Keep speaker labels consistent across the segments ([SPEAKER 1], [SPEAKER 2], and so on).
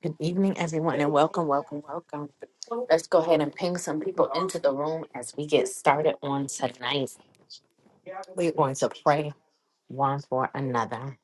[SPEAKER 1] Good evening, everyone, and welcome, welcome, welcome. Let's go ahead and ping some people into the room as we get started on tonight. We're going to pray one for another.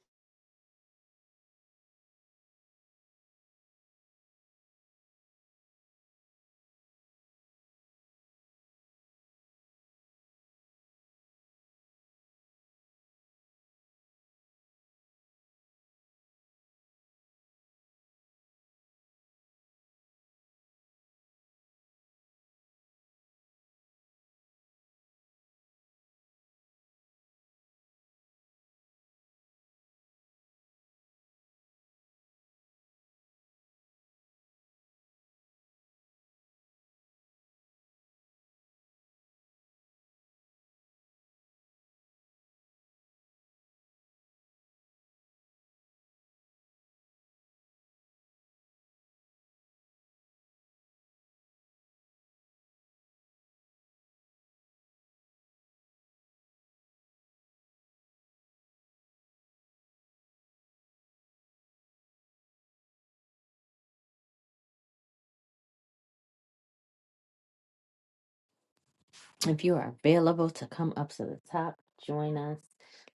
[SPEAKER 1] If you are available to come up to the top, join us.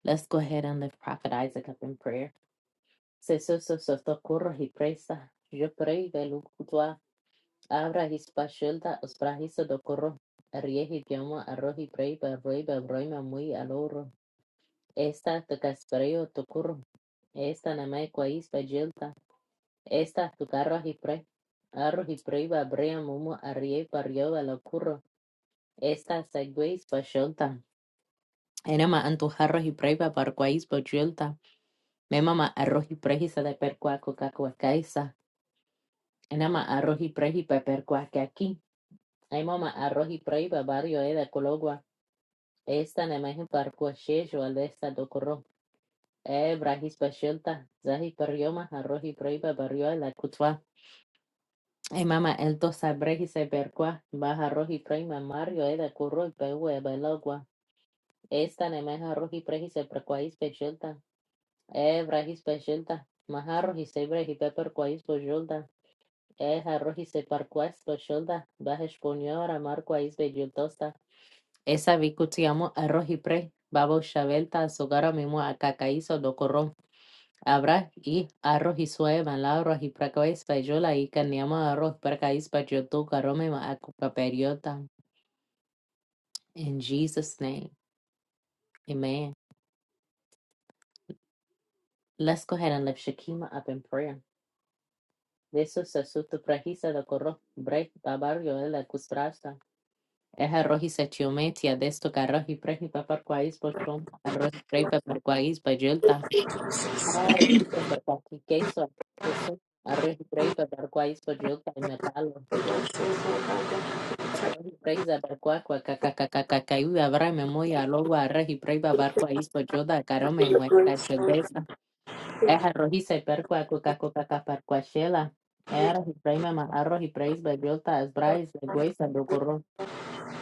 [SPEAKER 1] Let's go ahead and lift Prophet Isaac up in prayer. Se so so so to corro y presa. Yo pray de lucutua. Abra his pashilda, os brahiso do corro. Riehi dioma, arrohi pray, berroi, berroi, mamui, aloro. Esta te caspereo to corro. Esta nama equais payelta. Esta tu carro ajipre. Arro jipre babrea mumu arrie parrio curro. Esta sagueis pacholta. Enama antujarro jipre babarquais pacholta. Memama arro jipre jisa de percuaco cacuacaisa. Enama arro jipre jipepercuaque aquí. Ay mama arro jipre babario e de cologua. Esta nama es parcuachejo al de esta docurro. E brajis pacholta. Zahi parrioma arro jipre babario e la cutua. Ei, mama, elto sabrehi seberkua, baja roji preima mario eda curro y pegue belogua. Esta nemeja roji prehi seberkua is pechilta. E brahis pechilta. Maja roji sebrehi peperkua is pojulta. y roji separkua is pojulta. Baja esponiora markua is bejultosta. Esa vicutiamo a roji pre. Babo shavelta a sogara mimo a cacaizo do corro. Abra i arroz i soe man la arroz i prakois pa yo la i kanyama arroz prakais pa yo tu karome ma akupaperiota. In Jesus' name, amen. Let's go ahead and lift Shakima up in prayer. Deso is a prahisa da korro bre da barrio de la custrasta. Es arroz y se chiometia de esto que arroz y preji pa parquais Arroz y prei pa parquais pa yolta. Arroz queso. Eso. Arroz y prei pa parquais po yolta y me calo. Praise abarqua cuacacacacacacayú abrame muy alogua regi preiba barco ispo yoda carome y muerta chedesa. Eja rojiza y percua cuacacocaca parcuachela. Era y preima ma arroz y preis bellota es brais de guesa do corro.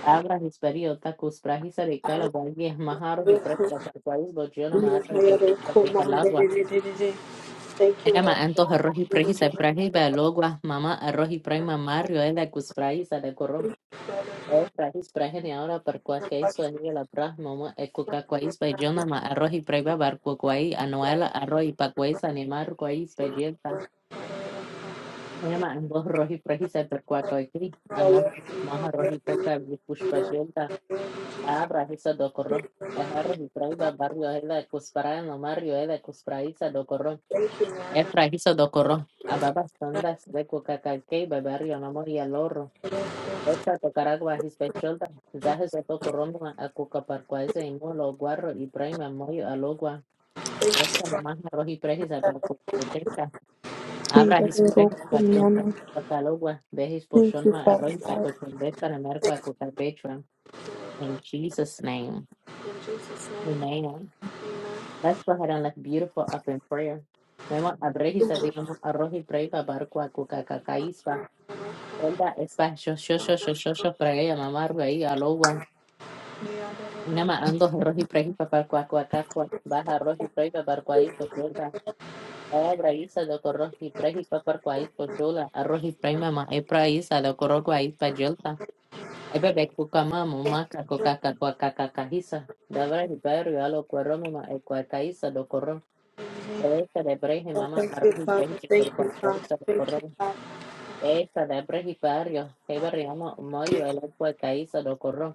[SPEAKER 1] Abra his periota cus prajisa de calo valgues majaros y presa parcuais bollona
[SPEAKER 2] Thank
[SPEAKER 1] ma
[SPEAKER 2] you,
[SPEAKER 1] arra y pepita de
[SPEAKER 2] Lord.
[SPEAKER 1] calagua. Era ma antoja roji prejisa prajisa belogua mamá arroz y preima mario es de cus prajisa de corro. Rais Brahiliana Barquaquei Swahili Brah Mama Ecucaquais Bajonama Arroz y Preba Barquaquai Anuela Arroz y Paquais Animar Quais Belleza Ema Ambos Roji Prejisa Perquaquai Amon Maha Roji Preca Vipushpashenta Abra Hisa Docorro Ejarro y Preba Barrio Ela Cuspara no Mario Ela Cuspraisa Docorro Efra Hisa Docorro Ababas Sondas de Cucacaquei Barrio no moría y Esta tocaragua his pechulda, zahes eto corromba a cucaparcuaise y molo guarro y prima moyo alogua. Esta mamá roji prejis a percuquecha,
[SPEAKER 2] Thank
[SPEAKER 1] abra his prejis pachonda y patalogua, de his
[SPEAKER 2] you,
[SPEAKER 1] pochonma
[SPEAKER 2] Father
[SPEAKER 1] arroy
[SPEAKER 2] God.
[SPEAKER 1] pacochende para merco a cucapechua. In Jesus' name,
[SPEAKER 2] In Jesus' name,
[SPEAKER 1] amen.
[SPEAKER 2] amen.
[SPEAKER 1] Let's go ahead and let's beautiful up in prayer. Memo abrejis a digamos arroji preipa barco a cucacacaispa. Onda espa yo yo yo yo yo yo para ella mamá Nama ando arroz y fray papar cuacuacacua, baja arroz y fray papar cuadito chula, abra isa lo corro y fray papar cuadito chula, arroz y fray mamá, ebra isa lo corro cuadito payolta, ay bebé cuca mamá, maca coca cacuacacajisa, dabra y perro a lo corro mamá, el cuacaíza lo corro, esta de breje
[SPEAKER 2] Oh,
[SPEAKER 1] mamá,
[SPEAKER 2] thank you,
[SPEAKER 1] arroz y fray
[SPEAKER 2] Father. Thank
[SPEAKER 1] papar
[SPEAKER 2] you, Father.
[SPEAKER 1] cuacuacajisa lo
[SPEAKER 2] Thank you,
[SPEAKER 1] corro,
[SPEAKER 2] Father.
[SPEAKER 1] esta de breje barrio, ebra y amo, moyo el cuacaíza lo corro.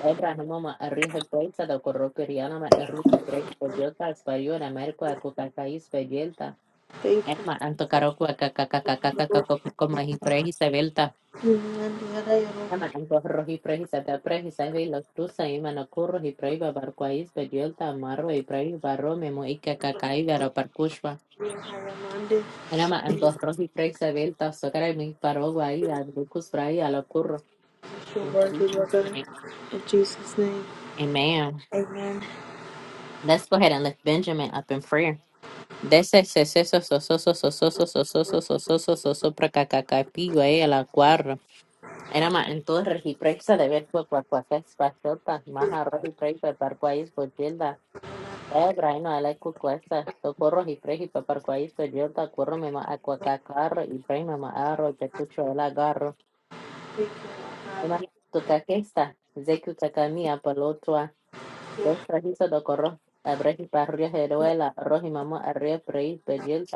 [SPEAKER 1] Abrahamoma arrihe breitsa da korro kirianama arrihe breitsa jota espayora merko akukaka ispayelta.
[SPEAKER 2] Thank you.
[SPEAKER 1] Ema anto karoko akakakakakaka kopikoma prehisa velta.
[SPEAKER 2] Amen.
[SPEAKER 1] Ema anto rohi prehisa da prehisa ve laktusa ima na kurro hi prehiba barkwa ispayelta amarro hi prehiba rome mo ikakakai vera parkushwa. Enama anto rohi prehisa velta sokara mi parogwa i adbukus prahi ala kurro.
[SPEAKER 2] Thank you,
[SPEAKER 1] In
[SPEAKER 2] worthy, Lord
[SPEAKER 1] Jesus'
[SPEAKER 2] God.
[SPEAKER 1] name.
[SPEAKER 2] In Jesus' name,
[SPEAKER 1] Amen.
[SPEAKER 2] amen.
[SPEAKER 1] Let's go ahead and lift Benjamin up in prayer. Dese seceso sososo sososo sososo sososo soso pracacacapigue a la cuarra. Era más en todo regipresa de ver cuacuacuacas pasotas más arroz y prey paparcuáis por yelda. Ebra y no ala cucuesta. Tocorro y prey y paparcuáis por yelda. Corro me ma acuacacarro y prey me ma arro te cucho la garro.
[SPEAKER 2] Thank you, Lord God.
[SPEAKER 1] Una tucaquesta. Zecu cacamia palotua. Desprajizo do corro. Abreji parrio jeruela. Roji mamá arrio prey por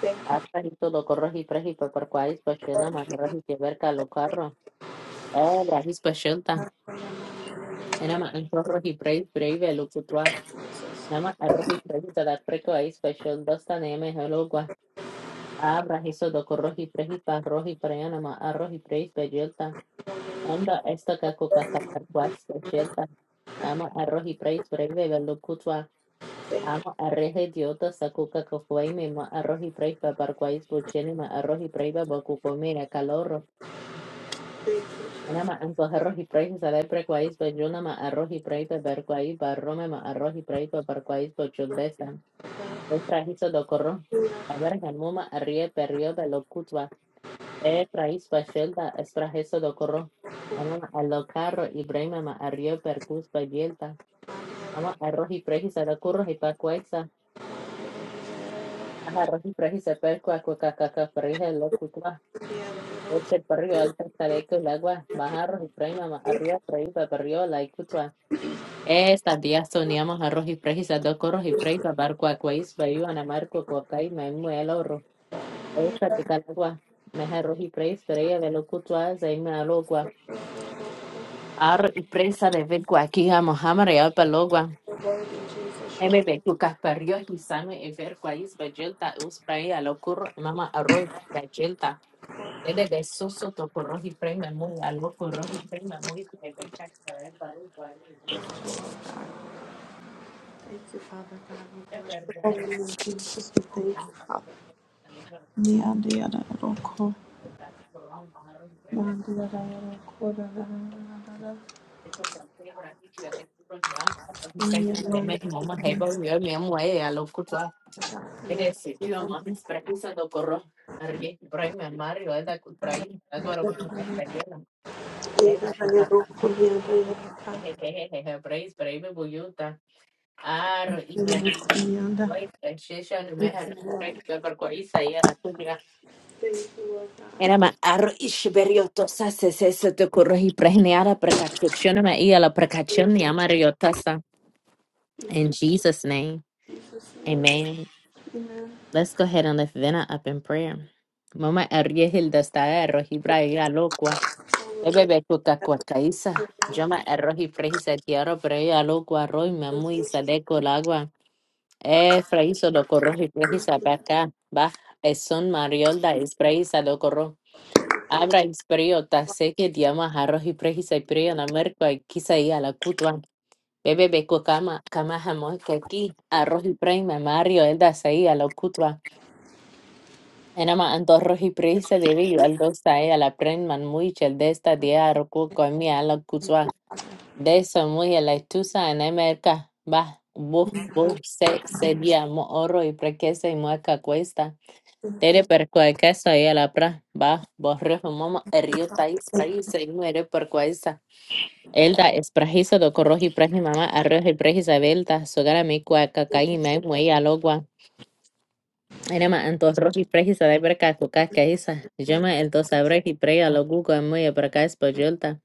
[SPEAKER 2] Thank you,
[SPEAKER 1] Apa itu lo corroji preji por por cuáis pasiona más roji que verca lo carro. Oh, rajis pasiona.
[SPEAKER 2] Father. Thank
[SPEAKER 1] Era más el corroji preji breve lo putua. Nada más el roji preji te da preco ahí pasión dos tan eme helogua. Ah, rajiso do corroji preji pa roji preji nada más arroji preji pasiona. Onda esto que coca catarguas pasiona. Ama arroji preji breve lo putua. Ama arreje diota sacuca cofuaime ma arroji preji pa parquáis pasiona ma arroji preji pa bocucomera calor.
[SPEAKER 2] you, thank
[SPEAKER 1] أنا مع هروح برايس سلام كويس بجونا مع أروح برايس بركويس بروما مع أروح برايس بركويس بجودسا es praíso do corro
[SPEAKER 2] you.
[SPEAKER 1] a ver el muma arrie periodo lo cutba e praís bachelda es praíso do corro ama a lo carro y brema ma arrie percus bagelta ama arroz y prejisa da curro y pacuexa ama arroz y prejisa percua cuaca caca perrija lo cutba
[SPEAKER 2] Thank you.
[SPEAKER 1] eche perrio alta tadeco el agua ma arroz y brema ma arrie praíba perrio la Estas días soníamos arroz y prey, quizás dos corros y prey, papar cuacuéis, bayu, anamar, cuacuacay, me el oro. Esta agua, me arroz y prey, estrella de lo cutua, se me alogua. Ar y presa de ver cuaqui, amojama real palogua.
[SPEAKER 2] you word in Jesus. You're
[SPEAKER 1] Ebe tu casperio, y same, y ver cuáis, bayelta, us prey, lo curro, mama arroz, bayelta. Desde que soso to corros y prey, me muy, a y prey, me muy, se ver cacta, el barro, guay,
[SPEAKER 2] Thank you, Father God. We bless your holy name, of Jesus. We thank you, Father. Nyandiyadaroko, nyandiyadaroko, dadadadadada. Nyamandiyadaroko, nyandiyadaroko, nyandiyadaroko. Yes, nyanda. Thank you, Lord. Thank you, Lord God.
[SPEAKER 1] Enama aro ishberiotasa sesese te corroji prehneara precachuchionama y a la precachion yamariotasa. In Jesus' name,
[SPEAKER 2] In Jesus' name.
[SPEAKER 1] amen.
[SPEAKER 2] Amen.
[SPEAKER 1] Let's go ahead and lift Vena up in prayer. Mama erriehil desta erroji braia loqua. Bebebe cuca cuacaisa. Joma erroji prehisa tiaro braia loqua roi mamui saleco lagua. E fraiso lo corroji prehisa beca. Bah, es son mariolda es prehisa Abra isperio sé que diama arroz y prejisa isperio na merco quizá y a la cutua. Bebe beco cama, cama jamón que aquí arroz y prey me mario el da sei a la cutua. Enama antorro arroz y prejisa debe yo al dos sei a la pren man muy chel de esta dia arroco con mi a la cutua. De eso muy a la estusa en emerca. Va, buh bu, se, se dia mo oro y prequese y mueca cuesta. Tere per quai kesa y a la pra ba borre mama rio tais praisa y muere per quaisa. Elda es prajisa do corroji praji mama arroz y prajisa belta sogara mi cuaca caí me muey alogua. Enema antos roji prajisa de perca cucaca isa. Llama el dos abreji preya lo guga muey perca es payolta.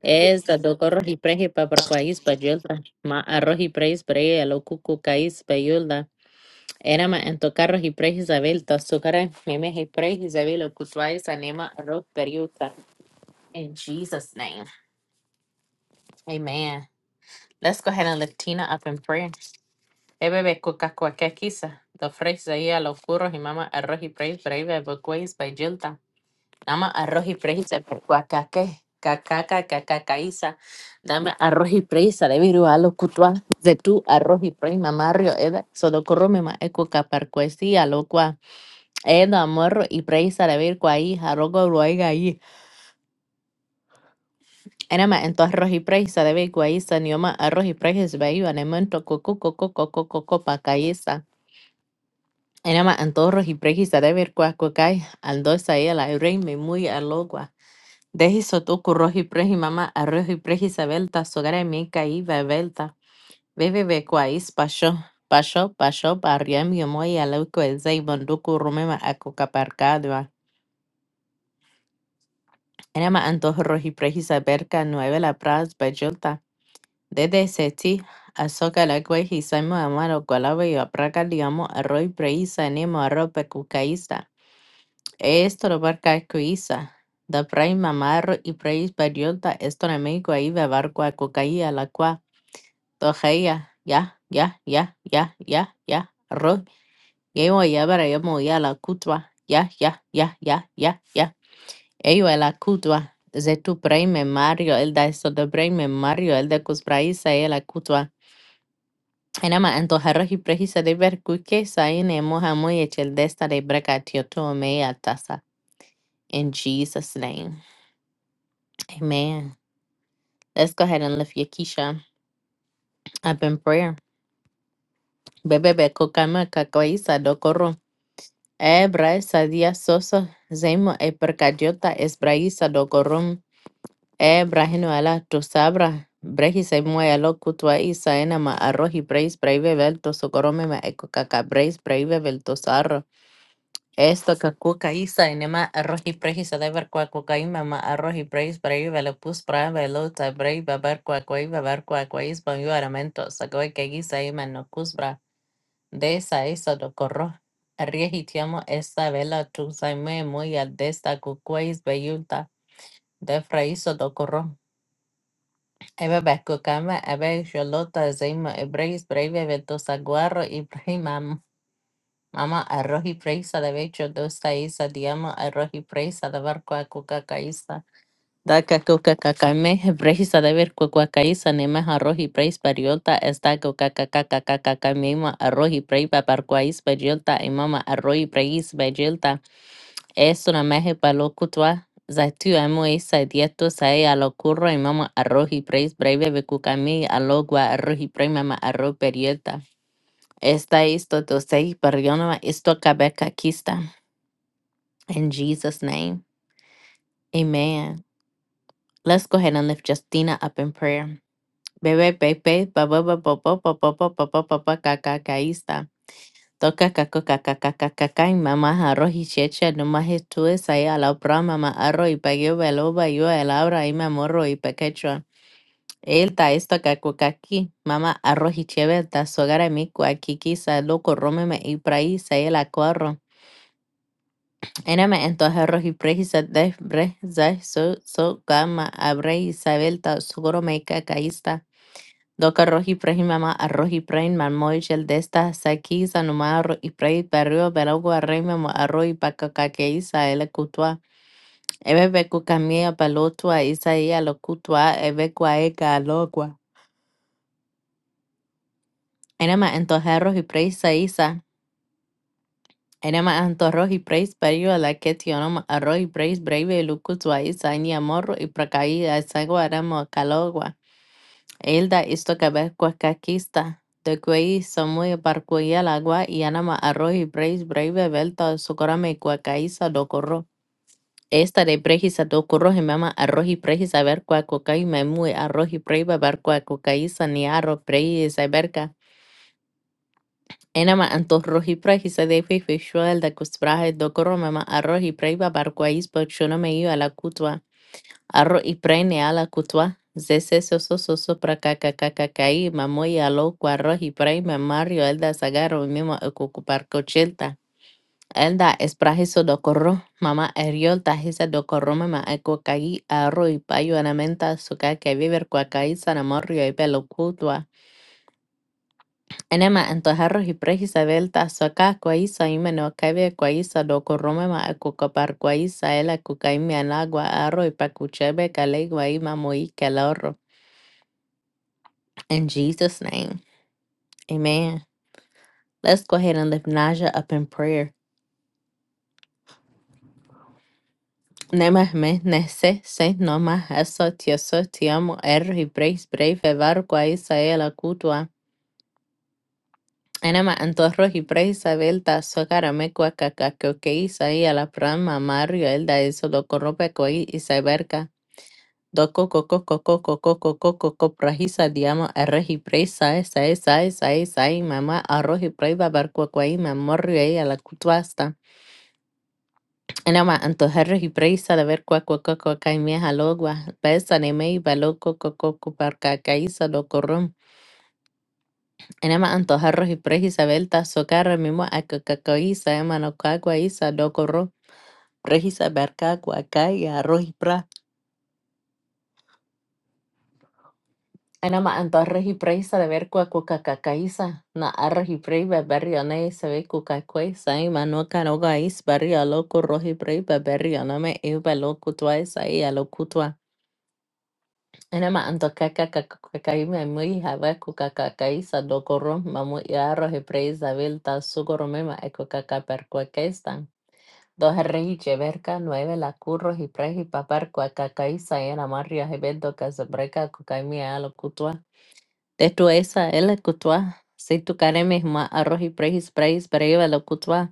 [SPEAKER 1] Es da do corroji preji pa per quais payolta. Ma arroji preis preya lo cucu caís Enema ento y preis Isabel, tas memes y preis Isabel, ocutuais anima rock periuta. In Jesus' name, amen. Let's go ahead and lift Tina up in prayer. Ebebe kuka kwake The phrase ahí a los curros y mama arroz y preis breve bocuais by Jilta. Nama arroz y preis de cuacaque. Cacaca, Dame arroz y presa de viru a lo cutua. De tu arroz y preis mamario, eda. Sodocorro mema ecuca parcuesía, Eda, morro y preisa de ver ahí, jarogo luego ahí. Enema, en tu arroz y preisa de ver ahí, sanioma, arroz y preisa de ver, anemento, coco, coco, coco, coco, pa caíza. Enema, en tu arroz y preisa de ver cuá, cuacay, andosa ahí, la rey me muy alogua. Dejiso tu curroz y preji, mamá, arroz y preisa belta, sogare mi caí, bebelta. Bebe, ve cuáis, pasó. Pasó, pasó, barriam, yo muy alauco, el zei, bonduco, rumema, acocaparcado. أنا ما أنتظر روحي بريحي بركة Nueve Praz Bayulta. Desde Seti, Azoka Lagwe, Hisaimo Amaro, Gualabe y Apraga Liamo, Arroy Preisa, Nemo arrope Pecucaísta. Esto lo barca Cuisa. Da Pray Mamarro y Preis Bayulta, esto no me guay bebarco a Cucaía la cua. Tojeia, ya, ya, ya, ya, ya, ya. Arroz, Yemo Yabara, Yemo Ya la Cutua. Ya, ya, ya, ya, ya, ya. Eyo el akutwa. Zetu prime Mario, el da eso de Mario, el de kuspraisa el akutwa. Enama antojarroji prejisa de ver kukesa ine moja muy echel desta de breca tioto mea tasa. In Jesus' name. Amen. Let's go ahead and lift Yakisha up in prayer. Bebe be kokama kakoisa dokoro. Ebra esa dia soso. Zemo e percadiota es braisa Ebra hino ala to sabra brehi sai moya lo kutwa isa ena ma arrohi breis braive vel socorome ma eco caca breis braive vel sarro. Esto cacuca isa ena ma brehi sa deber qua cucaima ma arrohi breis braive lo pus brave lo ta brei babar qua coi babar qua quais banyo aramento sacoi que isa ema no cusbra de esa eso do corro. Arriesgitiamo esta vela tu saime muy al desta cuquais beyulta de fraiso do corro. Ebebe kukama ebe xolota zima ebreis breve vetos aguarro y prima mama arroz y presa de becho dos isa diamo arroz y presa de barco a Daka kukakakame, brehisa deber kukuakaisa nema arroji preis pariolta esta kukakakakakakakame arroji prei paparkuais pariolta imama arroji preis pariolta es una meje palo kutwa zaitu amo isa dieto sae a lo curro imama arroji preis breve bekukame alogua arroji prei mama arro pariolta esta isto dosei parionoma isto kabeka kista in Jesus name amen let's go ahead and lift Justina up in prayer Bebé, pepe, pa pa papá, papá, papá, papá, pa pa pa pa pa pa ca ca caísta. Toca caco caca caca caca y mamá arroz y checha no más estuves ahí a la otra mamá arroz y pagué velo yo el abra y me morro y pequecho. Él ta esto caco caqui mamá arroz y cheve ta sogara mi cuaqui quizá loco rómeme y praí se la cuarro. Ename entonces arroz y prejisa de breza so so gama abre Isabel ta sogoro me cacaísta. Doka rohi prehi mama arrohi prein man moichel desta saki sanuma y prei perrio beragua rei mamo arrohi pakakake isa ele kutua. Ebe beku kamia palotua isa ia lo kutua ebe kwa eka alogua. Enema antojarros y preis sa isa. Enema antorros y preis perio la que tionoma arrohi preis breve lukutua isa ni amorro y prakai asagua ramo kalogua. Hilda Iztocabal Cuacaquista, Tecuey, Samui, Parcuya, Agua, y Yanama, Arroz, y Breis, Breve, Belta, Socorame, Cuacaíza, Docorro. Esta de Brejisa, Docorro, Jemama, Arroz, y Brejisa, Ver, Cuacucay, Memui, Arroz, y Breve, Ver, Cuacucaíza, Niarro, Brejisa, Verca. Enama, Antorro, y Brejisa, de Fifi, Shuel, de Cusbraje, Docorro, Mama, Arroz, y Breve, Barcuaís, Pochonome, a la Cutua. Arro y prene ala kutwa. Zese soso soso pra kakakakakai. Mamoy alo cuarro y prene mario elda sagaro mimo okukupar cochelta. Elda esprahiso docorro. Mama eriol tajisa docorro mama ekokagi arro y payo anamenta suka que viver cuacai sanamorio y pelo kutwa. Enema antojarro y prejisa velta suka cuaisa y meno cabe cuaisa docorro mama ekokopar cuaisa ela cucaimi anagua arro y pacuchebe calegua y mamoy calorro. In Jesus' name, amen. Let's go ahead and lift Naja up in prayer. Nema me nese se noma eso tieso tiamo erro y preis breve vargo a Isael a cutua. Enema antorro y preis abelta socarame cuacacaco que Isael la prama mario el da eso lo corrope coi Isaiberca. Doko coco coco coco coco coco prahisa diamo erro y preisa esa esa esa esa mama arroz y breis a babar cuacuai mamorrio a la cutuasta. Ana ma anto herre hi preisa de ver cua cua cua cua kai mia halogua. Pesa ne mei balo co co co co par ca caisa lo corrum. Ana ma anto herre hi preisa belta so carre mimo a ca ca caisa ema no cua cua isa lo corro. Preisa ver ca cua kai a rohi pra. Ana ma anto herre hi preisa de ver cua cua ca ca caisa. Na arre hi prei be berrio ne se ve cu ca cuesa ema no ca no gais berrio lo no me eu balo cutua isa e a Enema antokakakakakakai memui haweku kakakai sadokoro mamu iaro hebrei zabil ta sugoro mema eko kakaper kuakestan. Doherrei cheverka nueve la curro hiprehi papar kuakakai saena marria hebedo kasabreka kukaimi alo kutua. Tetu esa el kutua. Si tu karemes ma arroz hiprehi spreis breva lo kutua.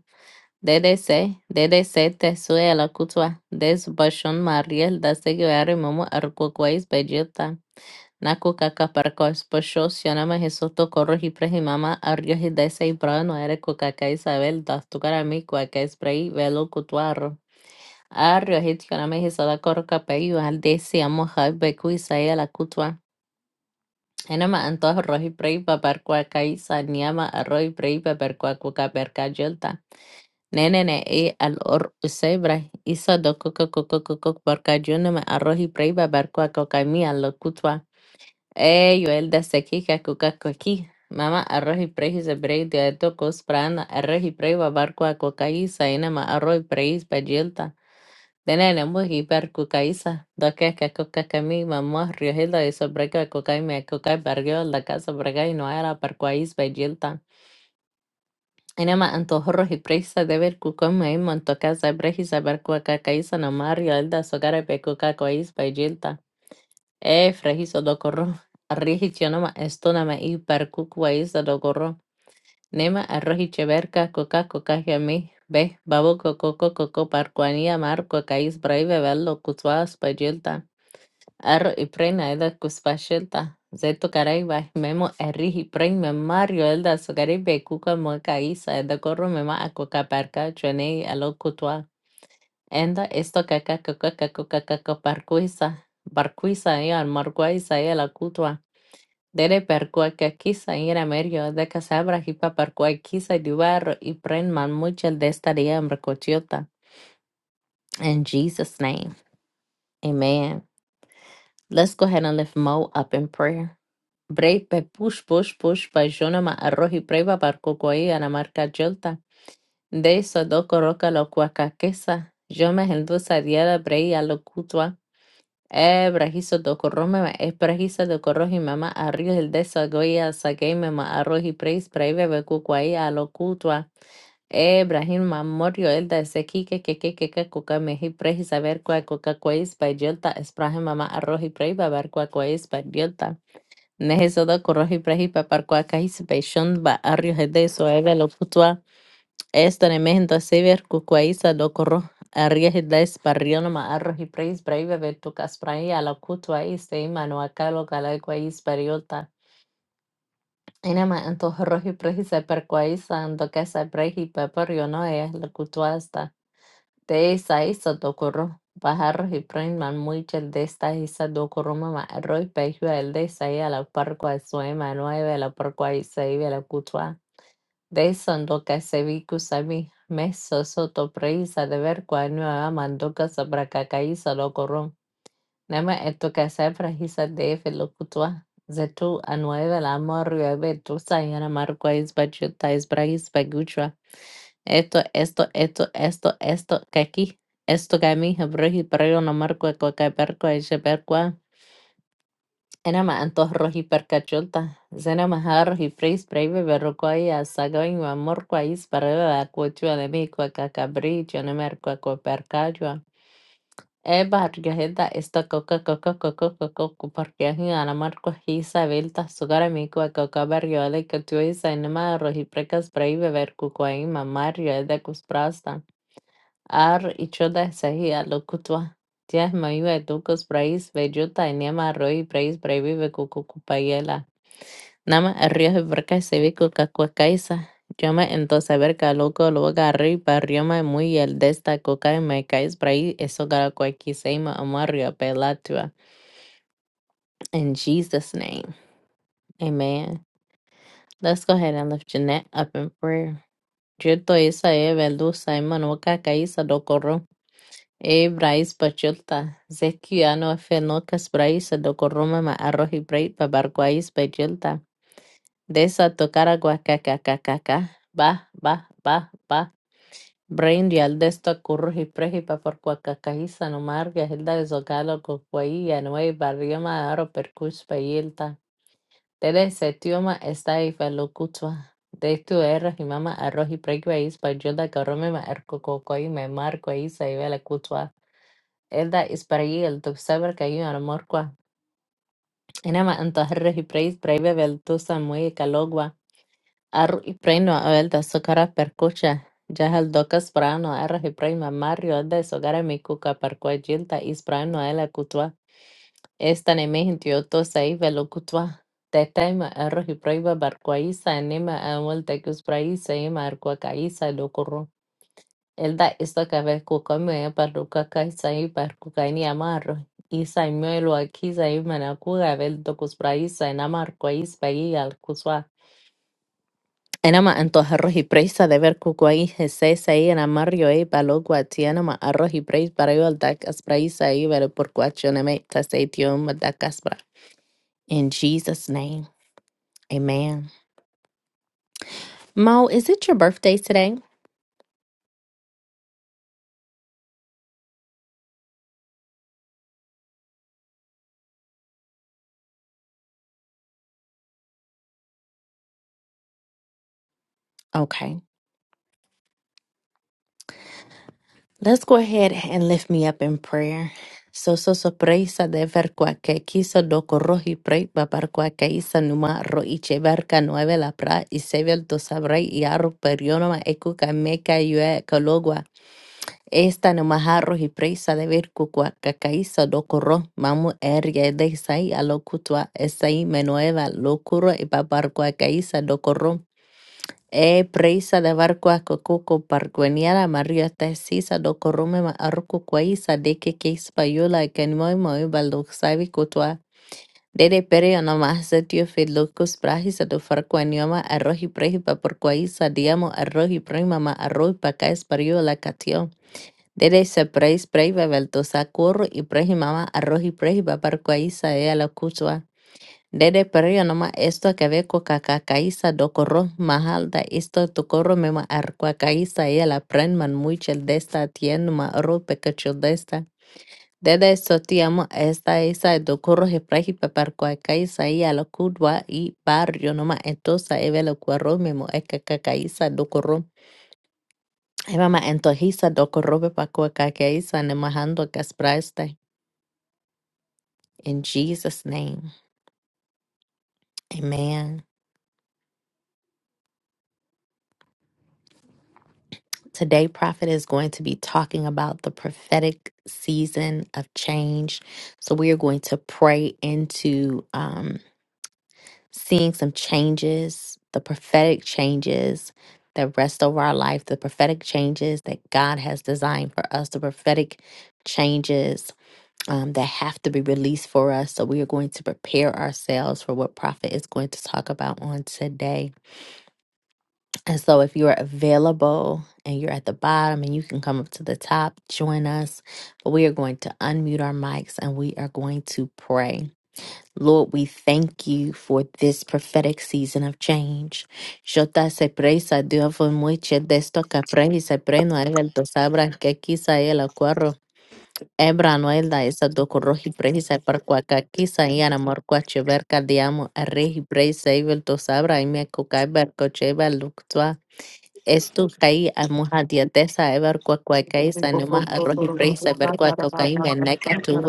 [SPEAKER 1] DDC, DDC te sue a la kutua. Des bashon mariel da seguare mamu arkukwais belleta. Naku kakaparko esposo, sianama Jesuto corro y prejimama, arrio y desa y brava no eres kukaka Isabel, das tu carami, cuaca es prei, velo cutuarro. Arrio y tioname Jesada corro capello, al desi amo jai becu Isaia la cutua. Enema antojo roji prei, papar cuaca Isa, niama arroi prei, papar cuacuca perca yelta. Nene ne e al or usebra, Isa do coco coco coco porca yunema arroji prei, papar cuaca camia lo cutua. Ey, Joel, desde aquí, cacucaco aquí. Mama, arroz y prey, si se brey, de tocos prana, arroz y prey, babar, cuacucaíza, enema, arroz y prey, payilta. Denene, muji, per cucaíza, doque, cacocacami, mamá, riojilda, y sobre cuacocay, me cucay, barrio, la casa, bregay, no era, per cuaíz, payilta. إنما أنتم horros y presas de ver cucón me en tu casa breji saber cuaca caiza no mario el da sogare pe cuca cois pe gilta. Eh, frejizo do corro. Rigicionoma estonama y per cucuaiza do corro. Nema arroji cheverca coca coca me Ve, babo coco coco coco parcuanía marco cais breve verlo cutuas pe Arroz y prena edhe kusqpashëlta, ze tocaraiba memo erri hiprei me Mario elda Sogari kuka moka isa edhe korro me ma Parca, parka chonei alo kutua. Enda esto kaka kaka kaka kaka parkuisa. Barkuisa ia markuisa ia la kutua. Dere perkua kakisa ira merio de casabra hipa parkua kisa duvar y pren man muchel de esta día en recochiota. In Jesus' name, amen. Let's go ahead and lift Mo up in prayer. Brei pe push push push pa jona ma arrohi preiva par la marca jolta. De eso do coroca lo cuacaquesa. Yo me hendusa diada brei a lo cutua. E brajizo do corrome ma es brajizo do corroji mama arrio el de esa goya saqueime ma arroji preis preive ve cucuai a lo cutua. E brahim ma el de ese kike que que que que cuca meji preji saber cua cuca cuais pa jolta es brahim mama arroji preiva ver cua cuais pa yolta. Nehezada korohi prehi paparkwa kahi sepeishon ba arrio hede soega lo putua. Esta nemehenta sever kukuaisa lo koro. Arrie hede sparriona ma arrohi preis braive vetu kasprai ala kutua iste imano no akalo kala kuais periota. Ina ma anto rohi prehi seperkuaisa ando kesa prehi papario no e la kutuasta. De esa isa dokoro Pajarros y Prinman Muichel de esta isa dokoro mama Roy Pejua el de esa a la parco a su ema nueve la parco a isa la cutua de eso en doca se vi kusami meso soto preisa de ver cual nueva mandoca sabra cacaíza lo corrom. لما التوكا سافرة هي صدقني في الخطوة زيتو أنواع الأمر ويبدو سيانا ماركويز بجوتايز برايز بجوشوا esto esto esto esto esto que aquí esto que a mí hebreji pero no marco que que perco es perco era más antos roji percachulta zena más roji freis breve pero que ya amor que es para la cuchua de mí que que cabrillo no marco que percachua Ebarrigueira está coca coca coca coca porque hiana marco hisa velta sugara miku coca barriola que tu isa nema rohi precas brave ver cuquaima mario de cusprasta. Ar ichota sahia locutua. Tias maiva etucos praise, bellota eniama arroi praise, braivive cucucupayela. Nama arrios de verca sevico cacuacaisa. Llama entonces verca loco loca arriba rioma muy el desta coca me cais praise, eso caracuaquiseima amario pelatua. In Jesus' name. Amen. Let's go ahead and lift Jeanette up in prayer. Yo to isa e velu saima no ايه برئيس بجلطة زكي أنا في نوكس برئيس دو كرومة ما أروح بريت ببرقويس بجلطة de esa tocar agua caca caca ca va va va va brain real de esto curruji prejipa por cuacacajiza no marga hilda de zocalo cocuaía no hay barrio ma aro percus payilta tele ese tioma está y felocutua de tu eras y mama arroji preguais pa yo da carome ma erco cocoy me marco ahí se iba la إيه ده Israel, tú sabes que hay Elda Isparguil, Tuxabarcayu, Anamorqua, Enama Antajerres y Preis, Braibe Beltusa, Muy Calogua, Arru y Preino, a vel da Socara Percucha, Yahal Docas Prano, Arras y Preima, Mario, Elda, Sogara Mikuca, Parcua Gilta, Isprano, Ela Cutua, Esta ne me Nemehin, Tiotosa, Ivelo Cutua, Tetaima, Arras y Praiba, Barcuaiza, Enema, Amuel, Tecus Praisa, Ema, Arcuacaíza, Elda isakavekukamue parrucaca isai parcucaini amarro. Isaimuelo aquí isai manacuga veldo cuspraisa en amarco ispa y al cusua. Enama antoja arroz y presa de ver cucuaí jesesa y en amarrio y palogua tianama arroz y presa para yo al dacas praisa y ver por cuachoneme taseitium dacaspra. In Jesus' name, amen. Mo, is it your birthday today? Okay. Let's go ahead and lift me up in prayer. So so sorpresa de ver que quiso do corroji pre papar que isa numa ro y cheverca nueve la pra y sevel do sabre y arro perionoma ecuca meca yue cologua. Esta numa jarro y presa de ver cucua cacaísa do corro mamu ergue de sai a locutua esai menueva locuro y papar cuacaísa do corro E preisa de barco a coco pargueniara María tesisa do corume ma arco quaisa de que que espayola que moi moi baldo sabe cotua. Dede pere no más se tío fe locos prajisa do farquanioma arroji prejipa por quaisa diamo arroji prima ma arroji pa ca espayola catio. Dede se preis preiva velto sacurro y prejimama arroji prejipa por quaisa e a la cutua. Dede periyo nama esto que ve con kakakaisa dokoro mahalda isto tokoro mema arkwakaisa y la prenman muchel desta tien ma rope kachel desta. Dede esto tiamo esta isa dokoro heprahi paparkwakaisa y a la kudwa y barrio nama entosa evelo cuero memo ekakakaisa dokoro. Eva ma entojisa dokoro pakwakaisa nemahando caspraste In Jesus' name, amen. Today, Prophet is going to be talking about the prophetic season of change. So, we are going to pray into um, seeing some changes, the prophetic changes that rest over our life, the prophetic changes that God has designed for us, the prophetic changes um, that have to be released for us. So, we are going to prepare ourselves for what Prophet is going to talk about on today. And so, if you're available and you're at the bottom and you can come up to the top, join us. But we are going to unmute our mics and we are going to pray. Lord, we thank you for this prophetic season of change. Jota se presa, Dios fue mucho de esto que aprendí, se preno, él el dos abra que quizá él acuerdo. Ebra no es la esa do corroji presa para cuaca quizá y ana morcua cheverca diamo, a regi presa, él dos abra y me cucaiber cocheva luctua. Estukai amujatiatesa ever kuakuakai
[SPEAKER 3] Thank
[SPEAKER 1] sanuma arroz y prey saber kuakaukai meneka tu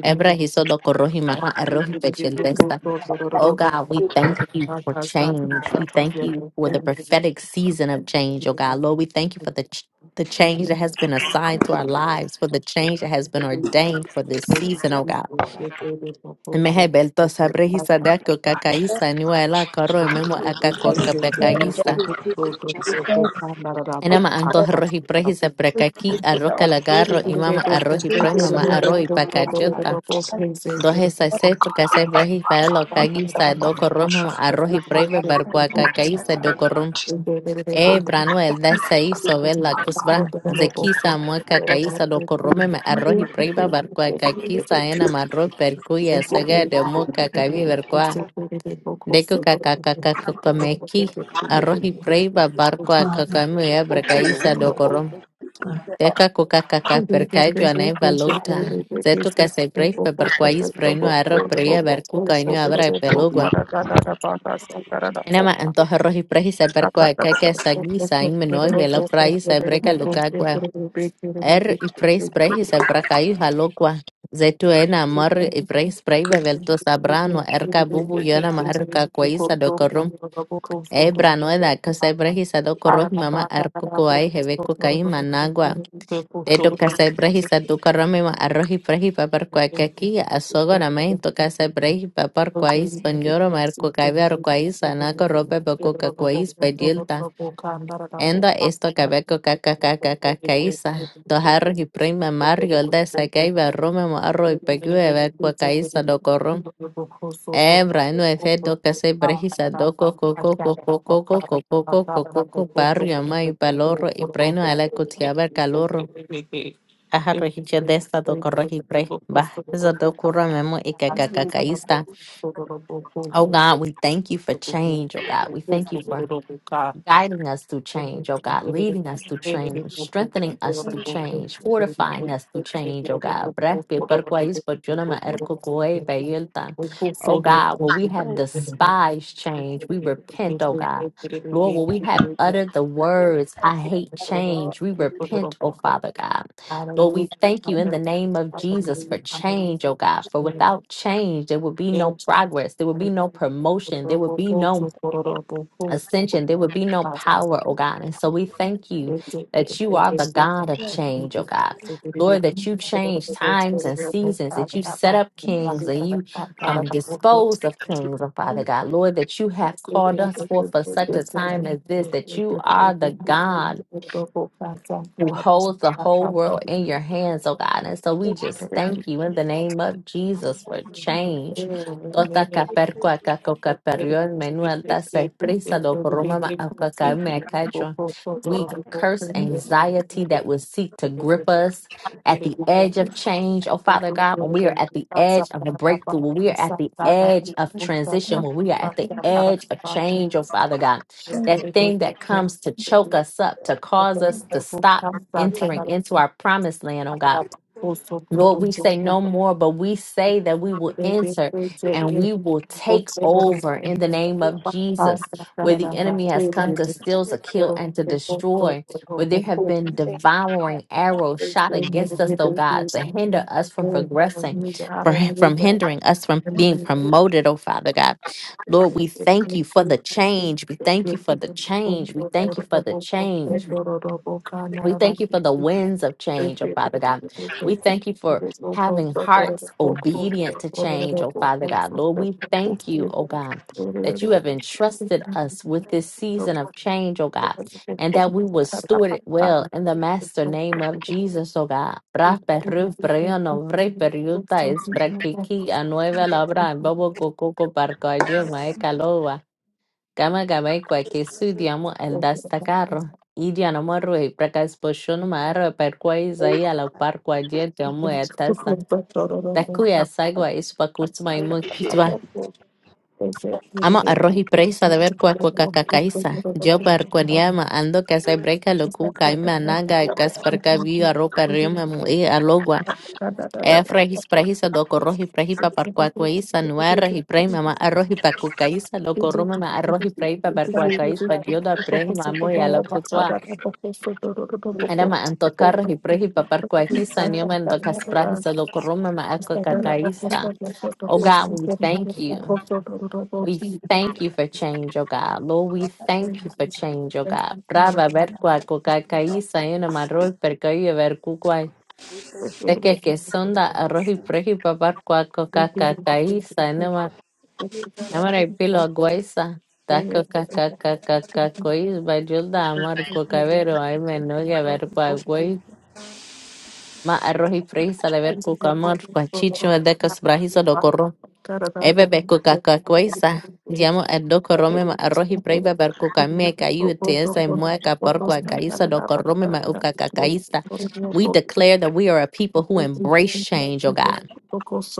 [SPEAKER 1] Ebra hisodo korohi mama arroz y Oh God, we thank you for change. We thank you for the prophetic season of change, oh God. Lord, we thank you for the ch- the change that has been assigned to our lives, for the change that has been ordained for this season, oh God. Mehe belto sabre hisadako kakaisa nuela koro memo
[SPEAKER 4] angel
[SPEAKER 1] akako Ana maanto
[SPEAKER 3] you.
[SPEAKER 1] arroz y prey y sapracaqui, arroz calagarro y mama
[SPEAKER 3] Thank
[SPEAKER 1] arroz y prey, mamá arroz y pacachota. Dos esas sexto, casay prey para lo cagui, sa do corrum, mamá arroz y prey, barbacoa y sa do corrum. E brano el da saí sobre la cusbra, zequisa mueca caíza do corrume ma arroz y prey, barbacoa caquiza, ena marroz percuya, saga de muca cabi vercoa, deco cacacacacacamequi. Arroz y prey, barbacoa cacamu, e bracaíza do
[SPEAKER 3] you.
[SPEAKER 1] corrum. Deka kukaka
[SPEAKER 3] Thank you.
[SPEAKER 1] perkaĵo ne valuta. Zetu keseprej peperkuajis prejnu arro prie verku kajnu abra epelugua. Enama antoja roji preji seperkua keke sagni sain menoi velo praji sebreka lukagua. Er y preis preji sebrakaji halukua. Zetu ena amor y preis prej bevelto sabrano erka bubu yona marka kuaisa dokorum. Ebra noeda kesebreji sadokoroj mama arkukuai hebeku kai managua Eto kasai brehisa tu karami ma arroji prehi papar
[SPEAKER 3] Thank
[SPEAKER 1] kwa
[SPEAKER 3] you.
[SPEAKER 1] kaki asogo na mai to kasai prehi papar kwa is panjoro ma erko kabe aro kwa is anako rope bako kakwa is pedielta. Enda esto kabe ko kaka kaka kaka isa. Do harro hi prima mario alda sakai ba rome mo arro i
[SPEAKER 3] Thank
[SPEAKER 1] pegu e ver kwa kaisa do korrom. Ebra no efe do kasai brehisa do coco coco coco coco coco coco coco barrio ma i palorro i preno ala kutiaba calorro. Aharohiche de esta dokorohipre bah. Zadokuromemo ikakakakaista. Oh God, we thank you for change. Oh God, we thank you for
[SPEAKER 3] you.
[SPEAKER 1] guiding us through
[SPEAKER 3] Hallelujah,
[SPEAKER 1] change, oh God,
[SPEAKER 3] hallelujah,
[SPEAKER 1] leading us through change, strengthening us through change, fortifying us through change, oh God. Brepe perquais pochunama erkokoe peyelta. Oh God, where we have
[SPEAKER 4] and
[SPEAKER 1] despised change, we repent, oh God. Lord, where we have uttered the
[SPEAKER 4] praise
[SPEAKER 1] words, I hate
[SPEAKER 4] Lord.
[SPEAKER 1] change, we repent, oh Father God. Lord, we thank you in the name of Jesus for
[SPEAKER 3] hallelujah, hallelujah.
[SPEAKER 1] change, oh God. For without change, there will be no
[SPEAKER 3] Yes, Jesus,
[SPEAKER 1] progress, there will be no
[SPEAKER 3] hallelujah.
[SPEAKER 1] promotion, there will
[SPEAKER 3] Honorable
[SPEAKER 1] be no
[SPEAKER 3] folks, honorable
[SPEAKER 1] ascension, there would be no power,
[SPEAKER 3] folks,
[SPEAKER 1] oh God. And so we thank you
[SPEAKER 3] Thank
[SPEAKER 1] that you are the God of
[SPEAKER 4] Yes,
[SPEAKER 1] change, oh God. Lord, that you change times and seasons, that you set up kings and you um, dispose of kings, oh Father God. Lord, that you have called us forth for such a time as this, that you are the God who holds the whole world in your hands, oh God. And so we just thank you in the name of Jesus for change. Tota
[SPEAKER 3] you.
[SPEAKER 1] kaperkua
[SPEAKER 3] Thank
[SPEAKER 1] kakokaperion
[SPEAKER 4] we thank you,
[SPEAKER 1] menuelta se prisa do koruma ma akakame akajo. We curse anxiety that would seek to grip us at the edge of change. Oh, Father God, when we are at the edge of the breakthrough, when we are at the edge of transition, when we are at the edge of change, oh, Father God,
[SPEAKER 4] thank you, thank
[SPEAKER 1] that
[SPEAKER 4] you,
[SPEAKER 1] thing that comes to choke us up, to cause us to stop entering into our promised land, oh God. Lord, we say
[SPEAKER 3] you.
[SPEAKER 1] no more, but we say that we will
[SPEAKER 3] Hallelujah.
[SPEAKER 1] enter and we will take over in the name of Jesus, where the enemy has come to steal, to kill, and to destroy, where there have been devouring arrows shot against us, oh God, to hinder us from progressing, for, from hindering us from being promoted, oh Father God. Lord, we thank you for the change. We thank you for the change. We thank you for the change. We thank you for the winds of
[SPEAKER 3] Thank
[SPEAKER 1] change, oh Father God. We thank you for having hearts obedient to change, oh Father God. Lord, we thank you, oh God, that you have entrusted us with this season of change, oh God, and that we will steward it well in the master name of Jesus, oh God. Bra perru brea no vre periuta es bra kiki a nueva labra en bobo coco barco a yo, Gamma-Gamma-Equa que estudiamos el destacarro. Y ya no me ruí, porque es por su número, pero cuál
[SPEAKER 4] thank you,
[SPEAKER 1] ahí a la par cual ya amo de testa. De cuya sagua es para y
[SPEAKER 4] thank
[SPEAKER 1] muy
[SPEAKER 4] you, Jesus.
[SPEAKER 3] you. Thank
[SPEAKER 1] Amo arroz y presa de ver cuá cuá cacaiza. Yo per cuaniama ando que se breca lo cuca y mananga y que es perca vi arroz per rima Efra hisprahisa dokoro hiprahipa parkuakuaisa nuara hipraima ma arro hipakukaisa lokoruma ma arro hiprahipa
[SPEAKER 4] Thank you, Father,
[SPEAKER 1] parkuakais padioda
[SPEAKER 4] for the
[SPEAKER 1] prehima
[SPEAKER 4] Holy
[SPEAKER 1] muy
[SPEAKER 4] Spirit.
[SPEAKER 1] ala Anama Era ma antocarro hiprahipa parkuakisa nioma antocasprahisa dokoruma ma
[SPEAKER 4] Yes,
[SPEAKER 1] akokakaisa. Oh God, we thank you. We thank you for change, oh God. Lord, we thank you for change, oh God. Brava ver
[SPEAKER 3] you.
[SPEAKER 1] kakaisa yuna marro perkayo ver
[SPEAKER 3] Thank
[SPEAKER 1] de que que sonda arroz y preji papar cuaco cacacaiza nema namara y pilo aguaiza taco cacacacacacois bayulda amar cucavero ay menuga ver cuaguay ma arroz y preji sale ver cucamor cuachicho de que brajizo do corro e bebe cucacacoisa Diamo el do corrome ma arroz y preji beber cucamie cayu tesa y mueca por cuacaiza do corrome ma ucacacaiza. We
[SPEAKER 3] you.
[SPEAKER 1] declare that we are a people who
[SPEAKER 3] Thank
[SPEAKER 1] embrace change, oh God.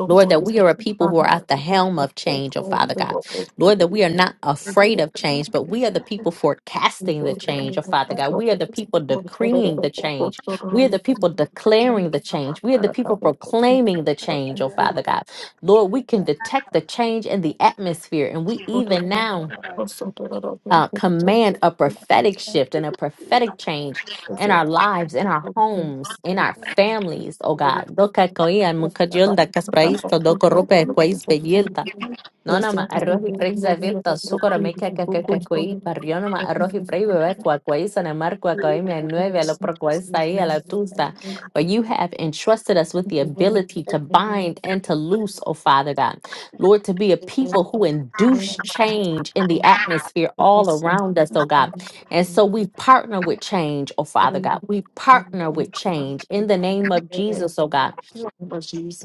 [SPEAKER 1] Lord, that we are a people who are at the helm of change, oh Father God. Lord, that we are not afraid of change, but we are the people forecasting the change, oh Father God. We are the people decreeing the change. We are the people declaring the change. We are the people proclaiming the
[SPEAKER 4] yes,
[SPEAKER 1] change, oh
[SPEAKER 4] yes,
[SPEAKER 1] Father God. Lord, we can detect the change in the atmosphere, and we even now
[SPEAKER 4] Lord.
[SPEAKER 1] uh, command a prophetic shift
[SPEAKER 4] It
[SPEAKER 1] and
[SPEAKER 4] is
[SPEAKER 1] a
[SPEAKER 4] your
[SPEAKER 1] prophetic change in our lives, in our homes, in our families, oh God.
[SPEAKER 3] you.
[SPEAKER 1] Doka koia mukajulda kaspraisto doko rupe kwais نونما الروحي فري زفيلتا السكر ميكا كاكاكاكوي بريونما الروحي فري ببركوا كويسة نمر كوكايمي النوبي على بركويسة هي على توسا For you have entrusted us with the ability to bind and to loose, O Father God. Lord, to be a people who induce change in the atmosphere all around us, O God. And so we partner with change, O Father God. We partner with change in the name of Jesus, O God.
[SPEAKER 4] name. We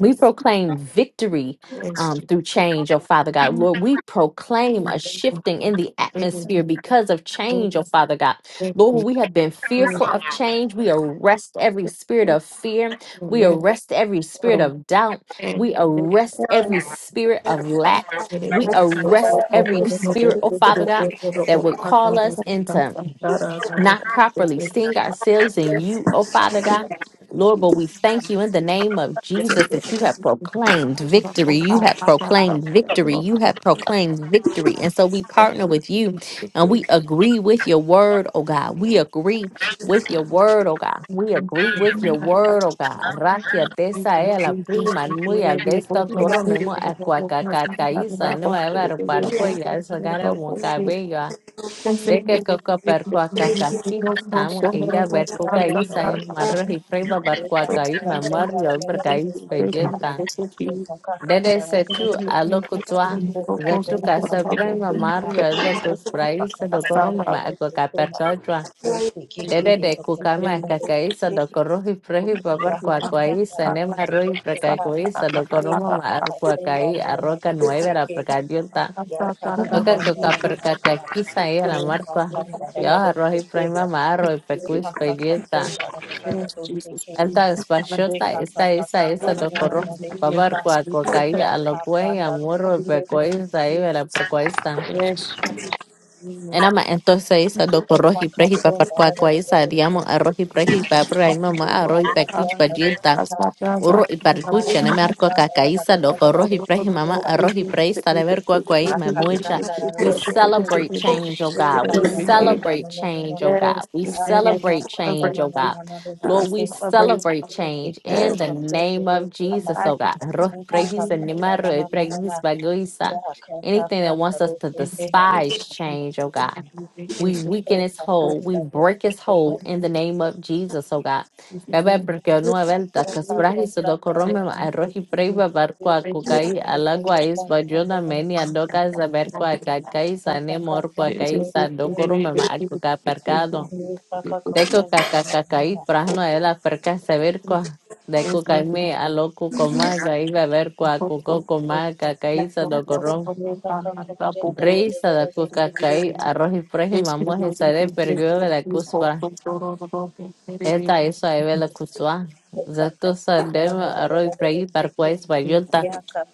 [SPEAKER 1] We proclaim victory
[SPEAKER 3] yes,
[SPEAKER 1] um,
[SPEAKER 3] Jesus.
[SPEAKER 1] through change, oh Father God. Lord, we proclaim a
[SPEAKER 3] Thank you.
[SPEAKER 1] shifting in the
[SPEAKER 3] Thank
[SPEAKER 1] atmosphere because of change, oh
[SPEAKER 3] you.
[SPEAKER 1] Father God.
[SPEAKER 3] Thank
[SPEAKER 1] Lord, when we have been
[SPEAKER 3] you.
[SPEAKER 1] fearful of change, we arrest every spirit of fear. We
[SPEAKER 3] Thank
[SPEAKER 1] arrest every spirit
[SPEAKER 3] you.
[SPEAKER 1] of doubt.
[SPEAKER 3] And
[SPEAKER 1] We
[SPEAKER 3] Thank
[SPEAKER 1] arrest every spirit of lack. We arrest every spirit, oh Father God, that would call us into not properly seeing ourselves in you, oh Father God. Lord, but we thank you in the name of Jesus that you have proclaimed victory. You have proclaimed victory. You have proclaimed victory. And so we partner with you and we agree with your word, oh God. We agree with your word, oh God. We agree with your word, oh God. Ratia tesa e la prima nuya de esta goro memo aqua cacacaíza no ever
[SPEAKER 4] will
[SPEAKER 1] parcoya esa cara mo
[SPEAKER 3] you.
[SPEAKER 1] cabello.
[SPEAKER 3] Thank
[SPEAKER 1] Deke koko barkwaka kaki samu iya
[SPEAKER 5] Yes,
[SPEAKER 1] berkuka i sayin marar hipreba barkwaka i mamar yo berkai spejenta. Dede setu alo kutwa zetu kasa brema mario de kusbrai sedokoro mema agwa kaperkajwa. Dede de kukama kakai sedokoro hiprehi babar kwakwa i sanema roi berkakai sedokoro mema arkwaka i arroka nuevera berkadienta. Loca kakakiza hii anamarkwa yawa roho Ibrahima y
[SPEAKER 3] you.
[SPEAKER 1] ipekuis peyeta
[SPEAKER 3] Yes, Jesus. Lord.
[SPEAKER 1] alta
[SPEAKER 5] Take
[SPEAKER 1] espachota
[SPEAKER 3] Hallelujah.
[SPEAKER 5] aha
[SPEAKER 1] esa
[SPEAKER 5] aha
[SPEAKER 1] esa
[SPEAKER 5] pran da
[SPEAKER 1] esa
[SPEAKER 5] na na na
[SPEAKER 1] dokoro
[SPEAKER 5] na doshte
[SPEAKER 3] Hallelujah.
[SPEAKER 5] ka
[SPEAKER 1] a kokai
[SPEAKER 5] ya aha
[SPEAKER 1] y
[SPEAKER 5] pran da
[SPEAKER 1] amurro
[SPEAKER 5] doshte ka
[SPEAKER 3] Thank
[SPEAKER 1] ipekoisa
[SPEAKER 3] you,
[SPEAKER 1] ibe la
[SPEAKER 3] Jesus.
[SPEAKER 1] perkoisa
[SPEAKER 3] Yes, Jesus.
[SPEAKER 1] enama entonces esa do corro y
[SPEAKER 5] aha
[SPEAKER 1] isa
[SPEAKER 5] aha
[SPEAKER 1] dokoro hiprehi
[SPEAKER 5] pran da
[SPEAKER 1] paparkwa
[SPEAKER 5] na na na na
[SPEAKER 1] koisa
[SPEAKER 5] doshte
[SPEAKER 1] diamo
[SPEAKER 5] ka
[SPEAKER 1] arrohi prehi papraima maaro
[SPEAKER 5] aha aha
[SPEAKER 3] Hallelujah.
[SPEAKER 5] pran da na
[SPEAKER 1] ipekich
[SPEAKER 3] As my friends are
[SPEAKER 1] Urro y
[SPEAKER 3] about
[SPEAKER 1] parcucha, ne merco
[SPEAKER 5] na
[SPEAKER 1] cacaíza,
[SPEAKER 5] na
[SPEAKER 1] loco,
[SPEAKER 5] na
[SPEAKER 1] rojo y
[SPEAKER 5] doshte
[SPEAKER 1] preji, mamá,
[SPEAKER 5] ka
[SPEAKER 1] arroz y preisa, de ver cuacuaíma,
[SPEAKER 5] aha pran
[SPEAKER 1] mucha.
[SPEAKER 5] da na na
[SPEAKER 1] We
[SPEAKER 5] na deka
[SPEAKER 1] celebrate change, oh God.
[SPEAKER 4] come
[SPEAKER 5] deka ka
[SPEAKER 4] to
[SPEAKER 1] We
[SPEAKER 4] you.
[SPEAKER 5] pranda na
[SPEAKER 1] celebrate change, oh
[SPEAKER 5] aha
[SPEAKER 3] Yes,
[SPEAKER 1] God. We
[SPEAKER 5] aha
[SPEAKER 3] amen.
[SPEAKER 1] celebrate
[SPEAKER 5] pran da
[SPEAKER 1] change,
[SPEAKER 3] Celebrate,
[SPEAKER 5] na
[SPEAKER 1] oh
[SPEAKER 5] na
[SPEAKER 1] God.
[SPEAKER 5] na na aha aha pran da na na na na aha aha pran da doshte ka
[SPEAKER 3] uh,
[SPEAKER 1] Lord, we
[SPEAKER 3] celebrate.
[SPEAKER 1] celebrate
[SPEAKER 5] aha aha pran da na na na na aha aha pran da doshte
[SPEAKER 1] change
[SPEAKER 5] ka aha
[SPEAKER 1] in
[SPEAKER 3] Yes,
[SPEAKER 1] the
[SPEAKER 5] aha pran
[SPEAKER 1] name
[SPEAKER 5] da
[SPEAKER 1] of
[SPEAKER 5] na na
[SPEAKER 3] I'm
[SPEAKER 1] Jesus, oh God. Arroz y anima, arroz y bagoiza. Anything that wants us to
[SPEAKER 3] and angels
[SPEAKER 1] despise
[SPEAKER 3] and
[SPEAKER 1] change, oh God.
[SPEAKER 3] everything
[SPEAKER 1] We
[SPEAKER 3] is the
[SPEAKER 1] weaken its hold.
[SPEAKER 3] purpose
[SPEAKER 1] We
[SPEAKER 5] na
[SPEAKER 1] break its
[SPEAKER 5] na aha
[SPEAKER 3] of
[SPEAKER 1] hold in the name of Jesus, oh God.
[SPEAKER 3] Jesus'
[SPEAKER 1] Bebê
[SPEAKER 3] name.
[SPEAKER 1] velta
[SPEAKER 5] Yaka
[SPEAKER 3] Like,
[SPEAKER 1] kasbrahi
[SPEAKER 5] kaplanda do
[SPEAKER 1] sodokorome
[SPEAKER 3] right
[SPEAKER 5] sekeha,
[SPEAKER 3] here,
[SPEAKER 1] arohi
[SPEAKER 3] it's-
[SPEAKER 1] preiba barqua
[SPEAKER 5] daka
[SPEAKER 1] kukai alaguais bajona meni adoka zaberqua kakai sane morqua
[SPEAKER 3] it
[SPEAKER 5] kaplanda
[SPEAKER 3] is
[SPEAKER 1] kai
[SPEAKER 3] a
[SPEAKER 5] do
[SPEAKER 3] great day,
[SPEAKER 1] sandokorome ma
[SPEAKER 3] thank you,
[SPEAKER 1] akuka
[SPEAKER 3] it's great to-
[SPEAKER 1] percado.
[SPEAKER 3] it is a great
[SPEAKER 1] Deko kakakakai
[SPEAKER 3] hope,
[SPEAKER 1] prahno ela perca severqua.
[SPEAKER 3] and
[SPEAKER 1] Deko
[SPEAKER 3] so it
[SPEAKER 1] kaime aloku coma kai
[SPEAKER 3] is
[SPEAKER 1] beberqua
[SPEAKER 3] hope,
[SPEAKER 1] kuko
[SPEAKER 3] hope, hope,
[SPEAKER 1] coma kakai
[SPEAKER 3] that's what we
[SPEAKER 1] sadokorom.
[SPEAKER 3] are going to find out about both of
[SPEAKER 1] Brei
[SPEAKER 3] these. It's
[SPEAKER 1] sadaku
[SPEAKER 3] a great
[SPEAKER 1] kakai
[SPEAKER 3] day.
[SPEAKER 1] arohi prehi
[SPEAKER 3] It's a
[SPEAKER 1] mamoje
[SPEAKER 3] great day,
[SPEAKER 1] sare
[SPEAKER 3] thank you, it's
[SPEAKER 1] pergyo
[SPEAKER 3] a
[SPEAKER 1] de la
[SPEAKER 3] great
[SPEAKER 1] cus
[SPEAKER 3] hope, hope, hope, hope, hope, hope, hope, hope,
[SPEAKER 1] esta
[SPEAKER 3] hope,
[SPEAKER 1] hizo a Eva
[SPEAKER 3] hope.
[SPEAKER 1] la Kuzua. Zatusa dema arroy prehi parkua es
[SPEAKER 3] Thank
[SPEAKER 1] vayulta.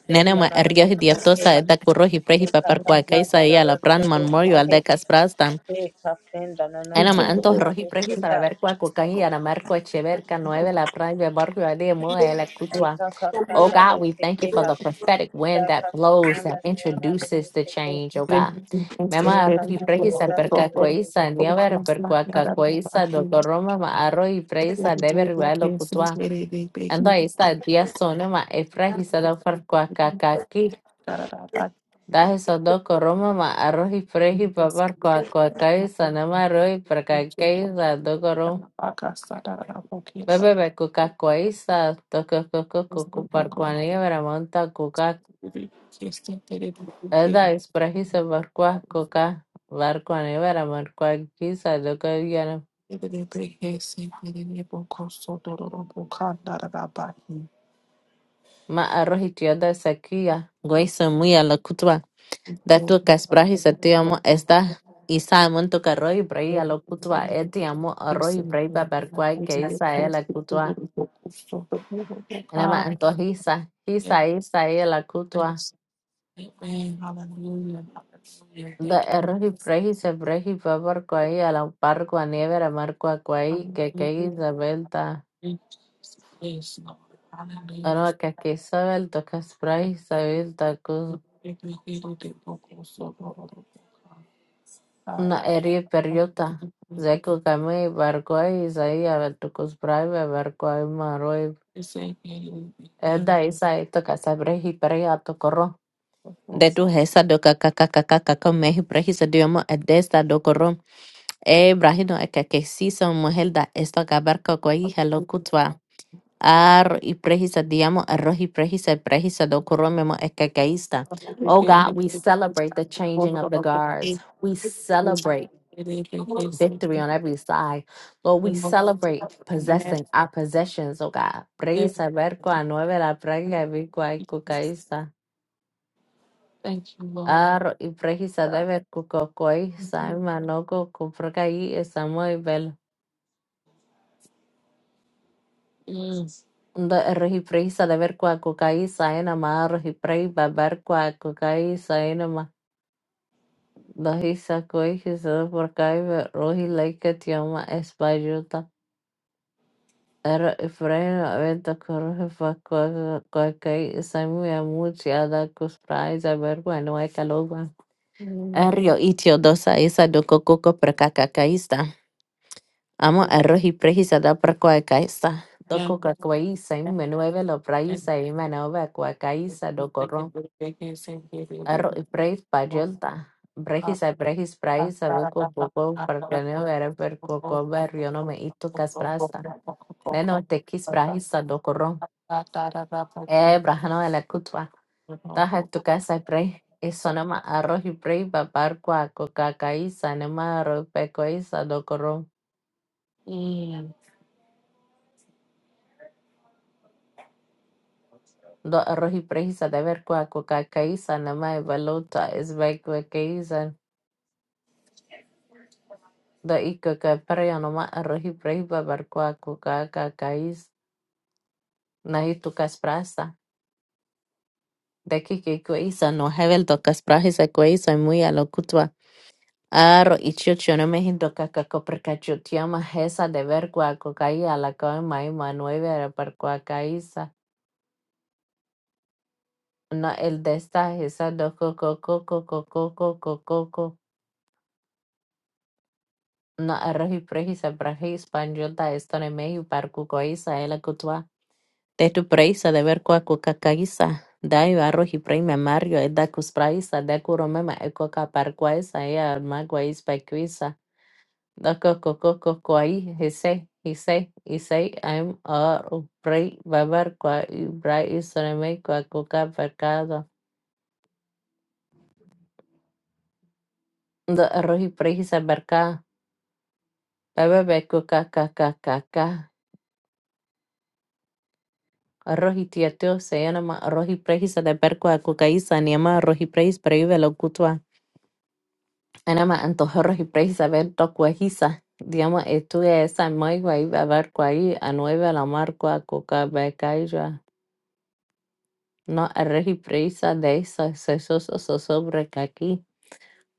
[SPEAKER 1] Nene
[SPEAKER 3] you.
[SPEAKER 1] ma ergios idiotosa eta kurrohi prehi paparkua kaisa y a la pran man morio al de casprastan. Ena ma antos rohi prehi saber kua kukan y anamarco echeverca nueve la pran de barrio de muda la Kuzua. Oh God, we thank you for the prophetic wind that blows, that
[SPEAKER 5] na do
[SPEAKER 1] introduces the
[SPEAKER 5] sekeha.
[SPEAKER 1] change, oh God.
[SPEAKER 5] Yes,
[SPEAKER 1] Mema
[SPEAKER 5] I
[SPEAKER 1] y
[SPEAKER 5] can
[SPEAKER 1] pregisa
[SPEAKER 5] confirm that
[SPEAKER 1] perca
[SPEAKER 5] those
[SPEAKER 1] coisa,
[SPEAKER 5] things.
[SPEAKER 1] niever percuaca coisa, doctor Roma ma arro y preisa debe rivalo cutua. Ando ahí está día sonoma e pregisa do percuaca caqui. Daje so doco Roma ma arro y pregi papar coaca coisa, nema arro y perca coisa, doco Roma. Bebe be cuca coisa, doco coco cucu parcuanía veramonta Edda exprahisa Markwah-coca, Markwa-nevera, Markwa-giza, Logoyana,
[SPEAKER 3] Amen. Hallelujah.
[SPEAKER 1] ma arroz tioda sequía, Guaysa a la cutua, da tu casprahisa te amo esta, Isa monto carro y brei a lo cutua, eti amo arroz y brei pa barquai que isa es la cutua, enama antojisa, isa isa es la cutua,
[SPEAKER 3] Hallelujah.
[SPEAKER 1] da
[SPEAKER 3] Thank you.
[SPEAKER 1] arroz y brei se brei pa barquai a la barqua nevera, marqua que que
[SPEAKER 3] Hallelujah.
[SPEAKER 1] isa
[SPEAKER 3] Thank you, Yes, Lord. Hallelujah.
[SPEAKER 1] Anokakisawel tokasprayi
[SPEAKER 3] Thank you.
[SPEAKER 1] issawel
[SPEAKER 3] Thank you. Thank you. Thank you. Thank you. Thank you. Thank you.
[SPEAKER 1] naeri
[SPEAKER 3] Thank
[SPEAKER 1] peryota, zeeko kami barkói Isaías tokosprayi barkói marói eda Isaí tokasabrehi peria tokoró. De tu hesa do kakakakakaka mehi prehisa diomo edesta do koró. E brahino ekakesisa mujer da esto acabar kakwai Ar y diamo arroz y prejisa y prejisa Oh God, we celebrate the changing of the guards. We celebrate victory on every side. Lord, we celebrate possessing our possessions, oh God. Prejisa verco a nueve la prega vico y cucaísta.
[SPEAKER 3] you, Lord.
[SPEAKER 1] Ar y prejisa de ver cucocoísta y manoco cuprocaí esa muy bel.
[SPEAKER 3] Yes.
[SPEAKER 1] Ndo arroz y prejisa de ver cuacucaísta y namar arroz y prejisa ver Lahi Sakoi Kisada Parkaive Rohi Laika Tioma Espayuta Era Ifraina Aventa Korohe Fakwa Kwakai Isamu Yamuchi Ada Kuspra Isabergo Anua Kalogwa
[SPEAKER 3] Mm.
[SPEAKER 1] Erio Itio Dosa Isa Doko Koko Prakakakaista Amo
[SPEAKER 3] Yeah.
[SPEAKER 1] Erohi Prehisada Prakwakaista Doko
[SPEAKER 3] And- and- and-
[SPEAKER 1] Kakwai Saimu
[SPEAKER 3] and-
[SPEAKER 1] Menueve Lo
[SPEAKER 3] and- and- and-
[SPEAKER 1] Praisa Imanova Kwakaisa
[SPEAKER 3] and- and- and- and- and-
[SPEAKER 1] Ar-
[SPEAKER 3] and- and-
[SPEAKER 1] Praise
[SPEAKER 3] and-
[SPEAKER 1] Payolta.
[SPEAKER 3] and-
[SPEAKER 1] Brejis ay brejis
[SPEAKER 3] Mm.
[SPEAKER 1] praise sabe kokoko parkaneo era per koko barriono me ito kasprasta. Neno te kis brajis sa dokoron. Eh brajano de la kutwa. Taja tu casa pre. Eso nama arroz y pre papar cua coca caiza nama arroz pecoiza dokoron. Do arroz y pre sa de ver cua coca caiza nama evaluta es beco caiza. Do y coca pre nama arroz y pre papar cua coca caiza. Nahi tukas prasa. Deki que kuisa no hevel tokas prahisa kuisa muy a lo kutwa. Aro ichio chiono me hindo kakako perka chutiama hesa de ver kua kokai a la koi mai manueve a par kua Na el desta hesa do coco coco coco coco coco. Na arroji prehisa prahi español da esto ne mehi par kukoisa el kutwa. Tetu praisa de ver kwa kukakaisa dai arroji prime mario e dakus praisa de kuro mema e koka parquaisa e al maguais paquisa da coco coco quai hise hise hise am ar prei babar qua ibra isreme qua coca mercado da arroji preisa merca bebe be coca caca caca arroji tieto se llama arroji preisa de perqua cocaisa niama arroji preis preive lo Ana me antojó regir saber lo que hice. Digamos, estuve esa maigua y a ver cuál a nueve la marca coca becaya. No a regipresa de esa sesos o sobre que aquí.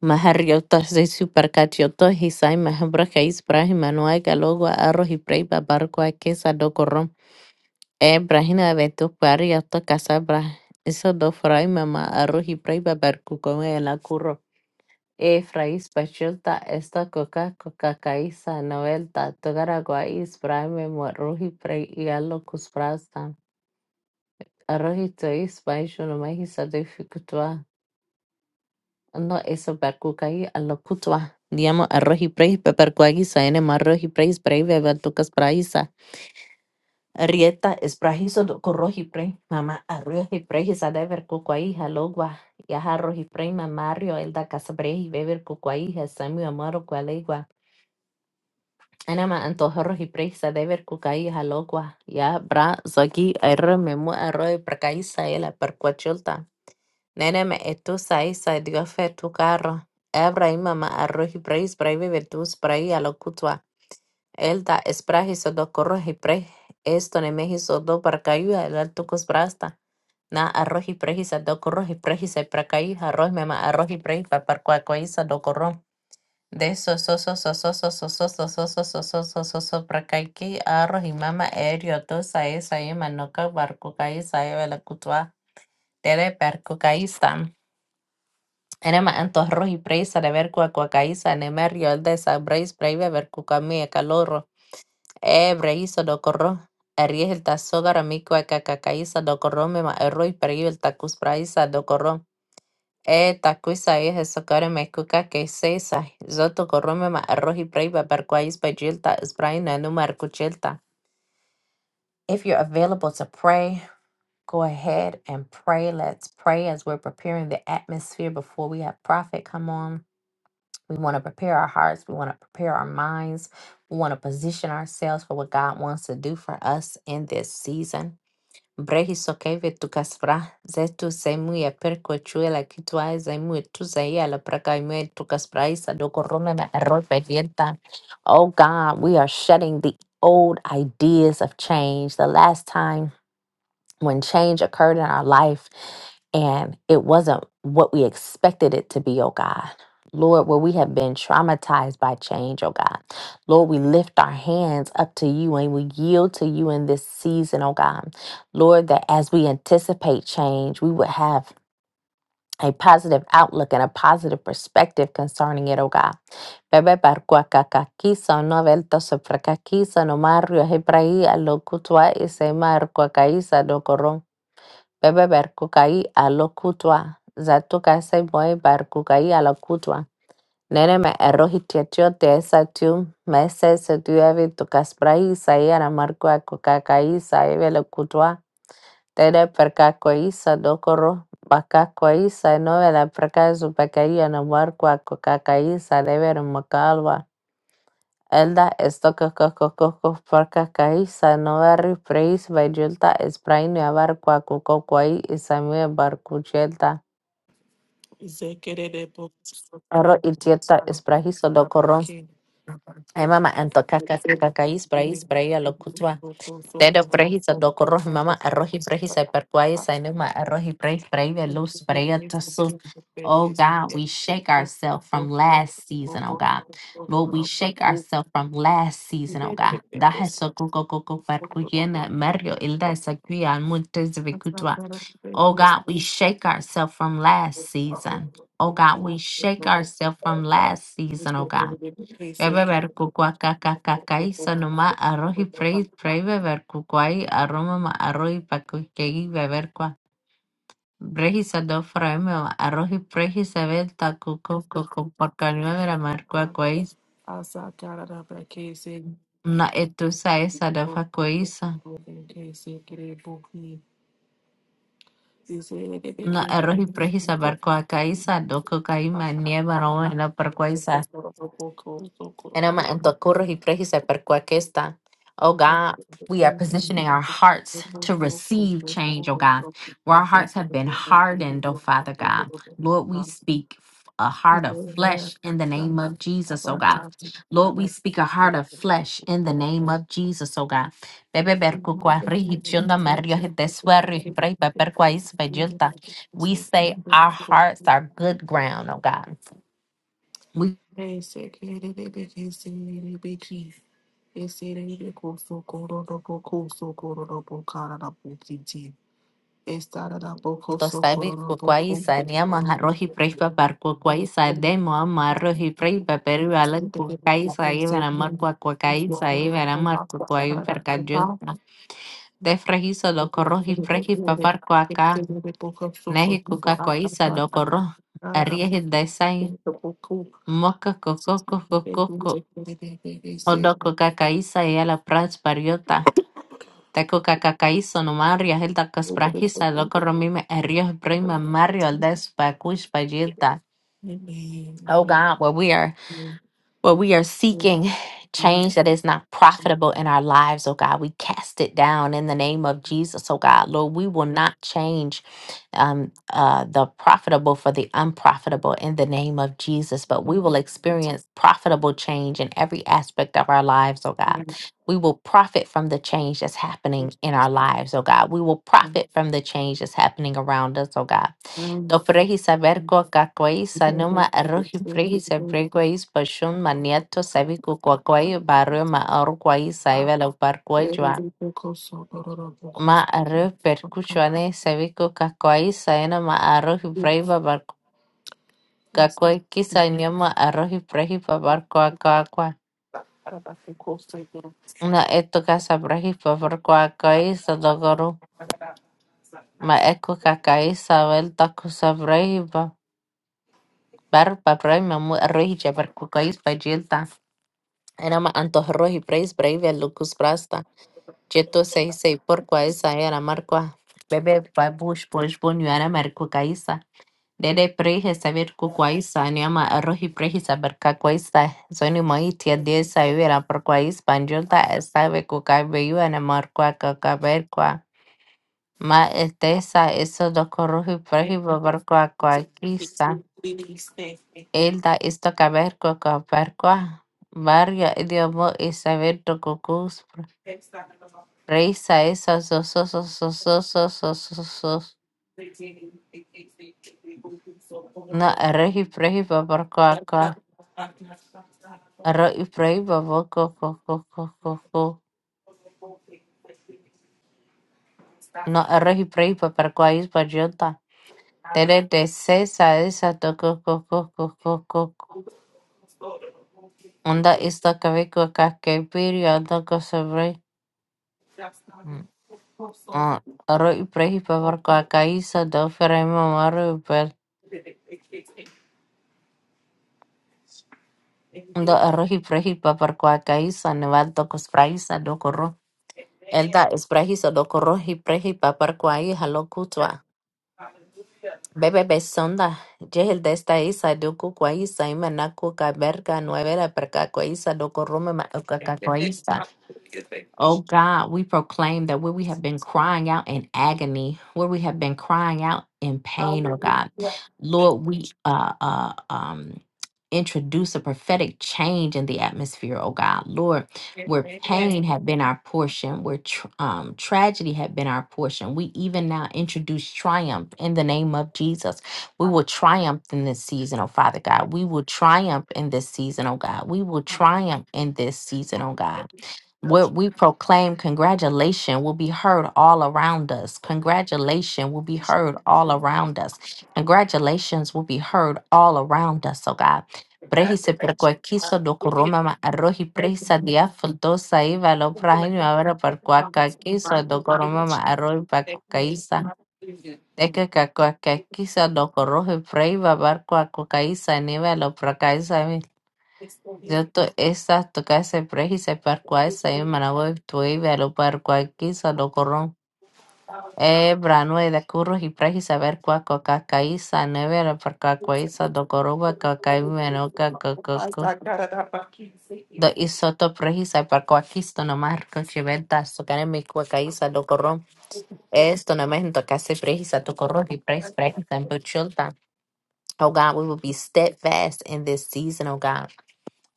[SPEAKER 1] Mahariotas de supercatioto y sai mahabra que es brahima no hay galogo a regipre barco a que sa do corrom. E brahina de tu pari a casa bra. Eso do fray mamá arroz a regipre barco come el acurro. Efraíz Pachilta, Estacoca, Cocacaiza, Novelta, Togaraguais, Brahme, Morroji, Prey y Alocus Brasta, Arrojitois, Baixo, no Mahisa de Ficutua, no eso percucaí, Alocutua, Diamo, Arroji, Prey, Pepercuaguisa, N, Marroji, Prey, Prey, Bebertucas, Praisa, Rieta, Esprajizo, Corroji, Prey, Mamá, Arroji, Prey, Sada, Vercucuaí, Jalogua, Yaja, Roji, Prey, Mamario, Elda, Casabrej, Beber, Cucuaí, Samio, Amaro, Cualegua, أنا ما أنتظر presa de ver cucaíja locua ya bra zaki erro me mu arroyo percaíza y la percuachulta. Nene me etusa isa dio fe tu carro. Ebra y mamá arroji preis breve vetus prei a locutua. Elda esprajizo do corroji pre. Esto ne mejizo do percaíja el altucus brasta. Na arroji prejisa do corroji prejisa percaíja arroz me ma arroji preis pa percuacoíza do corrom. De so so so so so so so so so so so so so so so so prakaiki arroz y mama erio to sae sae manoka barco kai sae vela cutua tere perco caísta. Enema anto arroz y presa de ver cua cua caísta enema riol de sa breis breve ver cucami e calorro. E breiso do corro. Aries el tazo garamico e cacacaísta do corro me ma arroz y preve el tacus praisa do corro. Eh, takuisa eh, sokore mekuka keseisa. Zoto korome ma arrohi prei babarkwais bajilta isbraina numar kuchilta. If you're available to pray, go ahead and pray. Let's pray as we're preparing the atmosphere before we have prophet come on. We want to prepare our hearts. We want to prepare our minds. We want to position ourselves for what God wants to do for us in this season. Brehisokeve tukasfra zetu sehemu ya perko chue la kitwae sehemu tu zaia la praka ime tukaspraisa dokorome ma errope dienta. Oh God, we are shedding the old ideas of change. The last time when change occurred in our life and it wasn't what we expected it to be, oh God. Lord, where we have been traumatized by change, oh God. Lord, we lift our hands up to you and we yield to you in this season, oh God. Lord, that as we anticipate change, we would have a positive outlook and a positive perspective concerning it, oh God. Bebe barkua kakakiso no velto sofrakakiso no mario hebrai alokutua ise markua kaisa bebeberkukai alokutua, zatukaisai moibarkukai alokutua. Neneme errohitiatio teesatiu mesesetuevi tukasprai saiana markua kukakai saivelokutua. Tene perkakoisa dokoro bakakoisa novela perkazu pekaia na markua kukakai sa devere makalwa. Elda Estokokokokokparkakai Sanovari Preis Vayulta Espraini Avar Kwakukokwai Isamue Barkuchelta
[SPEAKER 3] Zekerebo-
[SPEAKER 1] Arro Itieta Esprahiso Dokoron
[SPEAKER 3] Abaki.
[SPEAKER 1] Ay mama Antokakakakai Sprais Dedo prehisa doko rohi mama arohi prehisa perkuai sainuma arohi preh prehia
[SPEAKER 3] Asa
[SPEAKER 1] luz
[SPEAKER 3] cara
[SPEAKER 1] prehia tosu. Oh God, we shake ourselves from last season, oh God.
[SPEAKER 3] da
[SPEAKER 1] Lord, we shake ourselves from last season, oh God. Dahe sokuko koko perkuyena mario ilda sakuya almuntes vikutwa. Oh God, we shake ourselves from last season. Oh God, we shake ourselves from last season, oh God. Bebeber kukuakakakakai sonoma arroz y frei frei beber kukuai aroma ma arroz y pakuchei beber kua. Brehi sado fraeme ma arroz y prehi sebel ta kuku kuku porcanio de la marcua kuais.
[SPEAKER 3] pra que se
[SPEAKER 1] Na etusa esa da facuisa.
[SPEAKER 3] Thank
[SPEAKER 1] Na arroz y prehi saber kuakaisa do kukai ma nieva roma la And I'm and to corro y pray, he said, "Per cual que esta." Oh God, we are positioning our hearts to receive change, oh God, where our hearts have been hardened, oh Father God. Lord, we speak f- a heart of flesh in the name of Jesus, oh God. Lord, we speak a heart of flesh in the name of Jesus, oh God. Bebe per cu qua rigi chionda mario hi te sueri hi prei pe per qua is pe giunta. We say our hearts are good ground, oh
[SPEAKER 3] you.
[SPEAKER 1] God.
[SPEAKER 3] Basic, itty-bitty-bitty-bitty. Itty-bitty-bitty-bitty-bitty.
[SPEAKER 1] Tostabi kukwaiisa niama arroz y prey papar kukwaiisa demo ama arroz y prey papar ala kukwaiisa iban amar kukwaiisa iban amar kukwai percayos de frejizo lo corro y prey papar kuaka neji kukwaiisa lo corro arriesgue de sai mosca coco coco coco o do
[SPEAKER 3] It's
[SPEAKER 1] kukwaiisa
[SPEAKER 3] Thank you.
[SPEAKER 1] y ala prats pariota te kukwaiisa no mario el da casprajisa lo corro mime arriesgue prima mario al despa Oh God, where we are, where we are seeking change that is not profitable in our lives, oh God, we cast it down in the name of Jesus, oh God, Lord, we will not change um, uh, the profitable for the unprofitable in the name of Jesus, but we will experience profitable change in every aspect of our lives, oh God. We will profit from the change that's happening in our lives, oh God. We will profit from the change that's happening around us, oh God. Tofrehi saber ko kakuai sa numa arrohi frehi sabre koai is pa shun maniato sabi ko kakuai baro ma arro koai saivala ubar koai juan ma arro perkujuan sabi ko kakuai sa numa arrohi frehi va bar kakuai kis sa numa arrohi frehi pa bar ko kakuai na eto kasa frehi pa bar ko kakuai sa dogoro ma eku kakuai saival ta ku sabrehi va bar pa frehi ma mu arrohi ja bar koai sa djelta. Era antojros y preis brave lucus brasta. Jeto sei sei porqua esa era marqua. Bebe pa bush bush bunyara marco caisa. Dede prei receber cuquaisa, anima arroz y prei saber caquaisa. Zoni moi tia de saivera porquais panjunta sabe cucai veiu anamarqua cacaberqua. Ma estesa eso do corrojo y prei
[SPEAKER 3] Amen.
[SPEAKER 1] babarqua
[SPEAKER 3] Hallelujah.
[SPEAKER 1] coaquisa. Elda esto caberqua caberqua. Varia idiomo y saber do cucus. Reisai esa so so so so so so so so so na rehi prehi babar kwa kwa rehi prehi babar ko ko ko ko ko ko na rehi prehi babar kwa is bajota tere de se sa esa to ko ko ko ko ko ko onda ista kave ko ka ke piri onda ko sobre rehi prehi babar kwa ka isa do fere mamaru bel onda rehi prehi babar kwa ka isa ne valdo ko spraisa do ko ro Elda es prehizo do corroji prehi papar kwai halo kutwa. Bebe besonda. Jehel de esta isa do ku kwai sa imena ku ka berka nuevera perka kwai sa do corrume
[SPEAKER 3] Amen.
[SPEAKER 1] ma
[SPEAKER 3] Hallelujah. Thank you,
[SPEAKER 1] Oh God, we proclaim that where we
[SPEAKER 3] Jesus.
[SPEAKER 1] have been crying out in agony, where we have been crying out in pain, oh God,
[SPEAKER 3] Hallelujah. Amen.
[SPEAKER 1] Lord, we uh, uh, um, introduce a prophetic change in the atmosphere, oh God, Lord, where
[SPEAKER 3] Congratulations.
[SPEAKER 1] pain had been our portion, where tr- um, tragedy had been our portion. We even now introduce triumph in the name of Jesus. We will triumph in this season, oh Father God. We will triumph in this season, oh God. We will
[SPEAKER 3] Hallelujah.
[SPEAKER 1] triumph in this season, oh God.
[SPEAKER 3] Thank you. Thank you. Lord.
[SPEAKER 1] What we proclaim, congratulation will be heard all around us. Congratulation will be
[SPEAKER 3] Thank
[SPEAKER 1] heard
[SPEAKER 3] you,
[SPEAKER 1] all around us. Congratulations will be heard all around us, oh God.
[SPEAKER 3] Lord. Thank you, Lord.
[SPEAKER 1] Prehi se perkuakiso do
[SPEAKER 3] Hallelujah. Thank you.
[SPEAKER 1] koroma ma arrohi
[SPEAKER 3] It's
[SPEAKER 1] presa dia faltosa iva lo prahini avera perkuaka kiso do koroma ma arrohi pakukaisa. Eke kakuaka do korohi preiva barkuakukaisa niva lo prakaisa
[SPEAKER 3] so good. Thank
[SPEAKER 1] ずっとestas tocadas prehisas par cuales
[SPEAKER 3] you.
[SPEAKER 1] se
[SPEAKER 3] Hallelujah.
[SPEAKER 1] manabu tuivelo par cualquiera lo corron. E branue de curros y prejisa ver cua coca caiza nevera par cua cuaiza do coruba coca y menoca cococo.
[SPEAKER 3] Pastor, God, I thank you. Thank you.
[SPEAKER 1] Do isoto prejisa par cuaquisto nomás conchiventas tocar en mi cua caiza do corron. Esto nomás en tocase prejisa do corro y prejis prejisa en buchulta. Oh God, we will be steadfast in this season, oh God.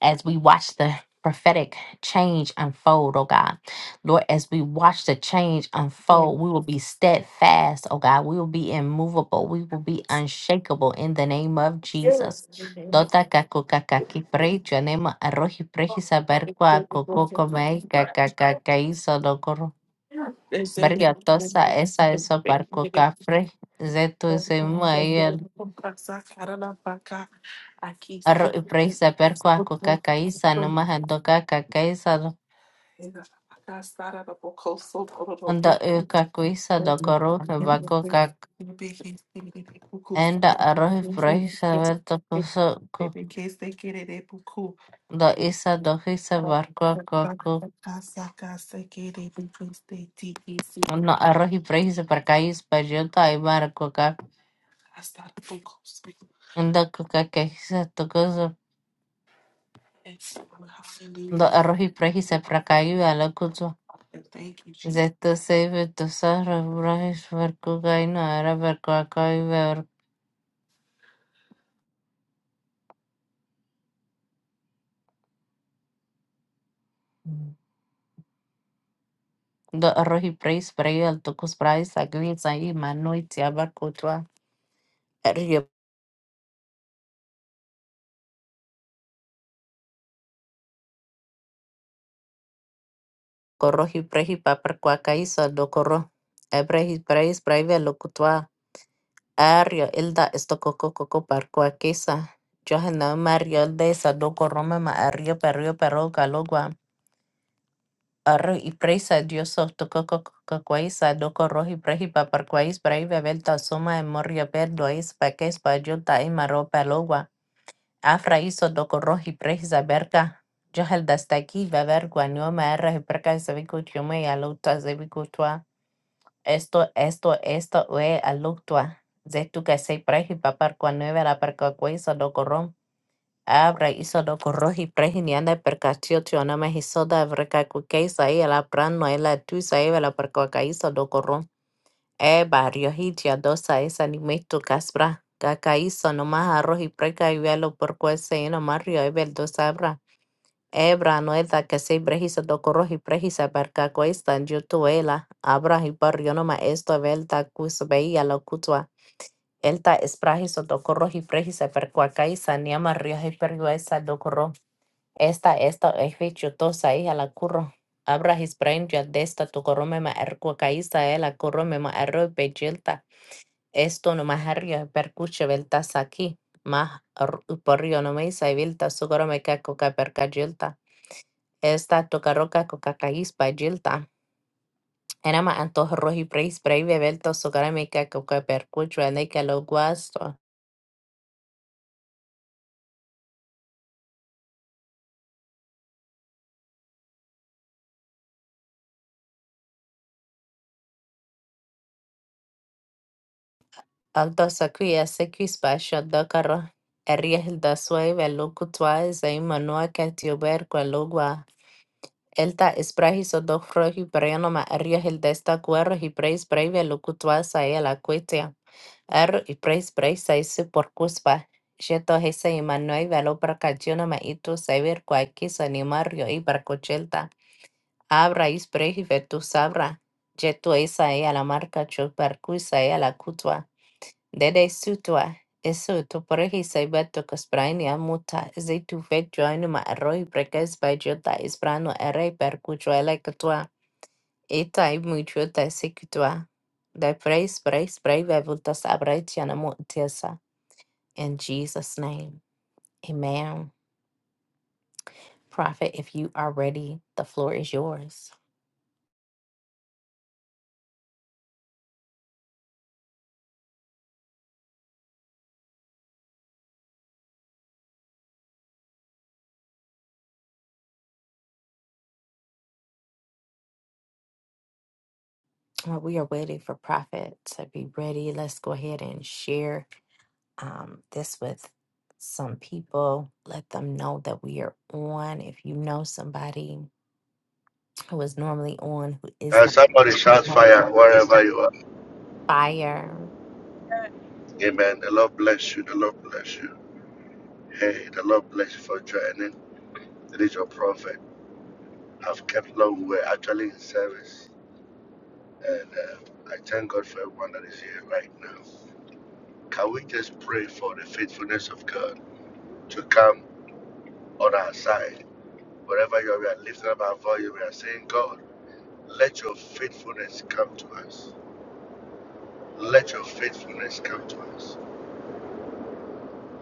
[SPEAKER 1] as we watch the prophetic change unfold, oh God. Lord, as we watch the change
[SPEAKER 3] Thank
[SPEAKER 1] unfold, we will be steadfast, oh God. We will be immovable. We will be unshakable in the name of
[SPEAKER 3] you.
[SPEAKER 1] Jesus.
[SPEAKER 3] Sure.
[SPEAKER 1] Dota kaku kakaki pre chanema arroji preji saber kua koko
[SPEAKER 3] Thank
[SPEAKER 1] kome kakakakai sonokoro. Berga tosa esa eso parco cafre. Zetu se mueve arroji preji saber kua kaka isa no más Anda'ýikakýicha ndokorúhepa Enda-arroz y frijoles, saber, tocoso, co- ndo'ísa ndohýicha barbacoa,
[SPEAKER 3] you.
[SPEAKER 1] no arroz y frijoles para caíz payota aymara coca
[SPEAKER 3] That's not the focus.
[SPEAKER 1] enda coca quejísa tocoso
[SPEAKER 3] Yes, Father,
[SPEAKER 1] no
[SPEAKER 3] hallelujah.
[SPEAKER 1] arroz y frijoles para caíz alacucho
[SPEAKER 3] And thank you, Jesus.
[SPEAKER 1] zeto seive tosa refrajes barcoa y no era barbacoa y ver do arroz y frijoles para ir al tocos para ir a guisa y manoitia barcoa Koro hiprehi papar kwakaisa do koro. Ebrehi preis breve locutua. Ario ilda esto coco coco par kwakisa. Johana Mario de Sado Coroma ma Ario Perio Pero Calogua. Arro y preisa Dios of Toco Cocoisa do Corro y prehi papar quais breve velta soma en Moria Perdo es paques payota y maro Palogua. Afra hizo do Corro y preisa berca. Johel dasta aquí va ver guanoma erra y perca se vicutume y alota sebico Esto, esto, esto es aluctua. Zetu que se preji papar cuanevera perca cuesa lo corrom. Abra hizo lo corroji preji ni anda perca chio no me hizo da breca cuquesa y la pran no la tuisa y la perca caizo lo corrom. E barrio hitia dosa esa ni me tu caspra. Cacaízo nomás arroz y preca y velo por cuesa y no más mario y vel dos abra. Ebra noeta que se brejisa do corroji prejisa perca cuesta en yutuela. Abra y barrionoma esto velta cus veía lo cutua. Elta esprajiso do corroji prejisa percuacaisa niama rioji perguesa do corro. Esta esta efichutosa hija la curro. Abra his brain ya desta tu corromema ercuacaisa ela ma erro bejilta. Esto no maharrio percuche veltas aquí. Mah porrionomeisa y vilta su corome caco esta tocaroca cocacaís payilta. Enama antojo roji preis breve belto sogaramica coca percuchua neca lo guasto. Alto sacuia sequis pasha docaro. Erriel da suave locutua zei manua catiober qua logua. Elta esprahis o do roji perianoma erriel desta cuero y preis breve locutua sae la cuetia. Ar i praise praise a isi por cuspa. Jeto hesa imanoi velo percachino ma itu saber cuaquis animario y barcochelta. Abra is prehi vetu sabra. Jeto esa e a la marca chu percuisa e a la cutua. Dede sutua. Eso tu prehi saibeto cosprainia muta. Zitu vetu anima arroi preques bajota isprano ere percuchuela catua. Eta i muchuta secutua. De praise praise brave avultas abra etiana mutiesa. In Jesus' name, amen. Prophet, if you are ready, the floor is yours. Well, we are waiting for Prophet to be ready. Let's go ahead and share um, this with some people. Let them know that we are on. If you know somebody who is normally on who is
[SPEAKER 6] Uh,
[SPEAKER 1] not
[SPEAKER 6] somebody
[SPEAKER 1] on
[SPEAKER 6] shout fire wherever you are.
[SPEAKER 1] fire,
[SPEAKER 6] Amen. The Lord bless you. The Lord bless you. Hey, the Lord bless you for joining. It is your prophet. I've kept long. We're actually in service. And uh, I thank God for everyone that is here right now. Can we just pray for the faithfulness of God to come on our side? Wherever you are, we are lifting up our voice. We are saying, God, let your faithfulness come to us. Let your faithfulness come to us.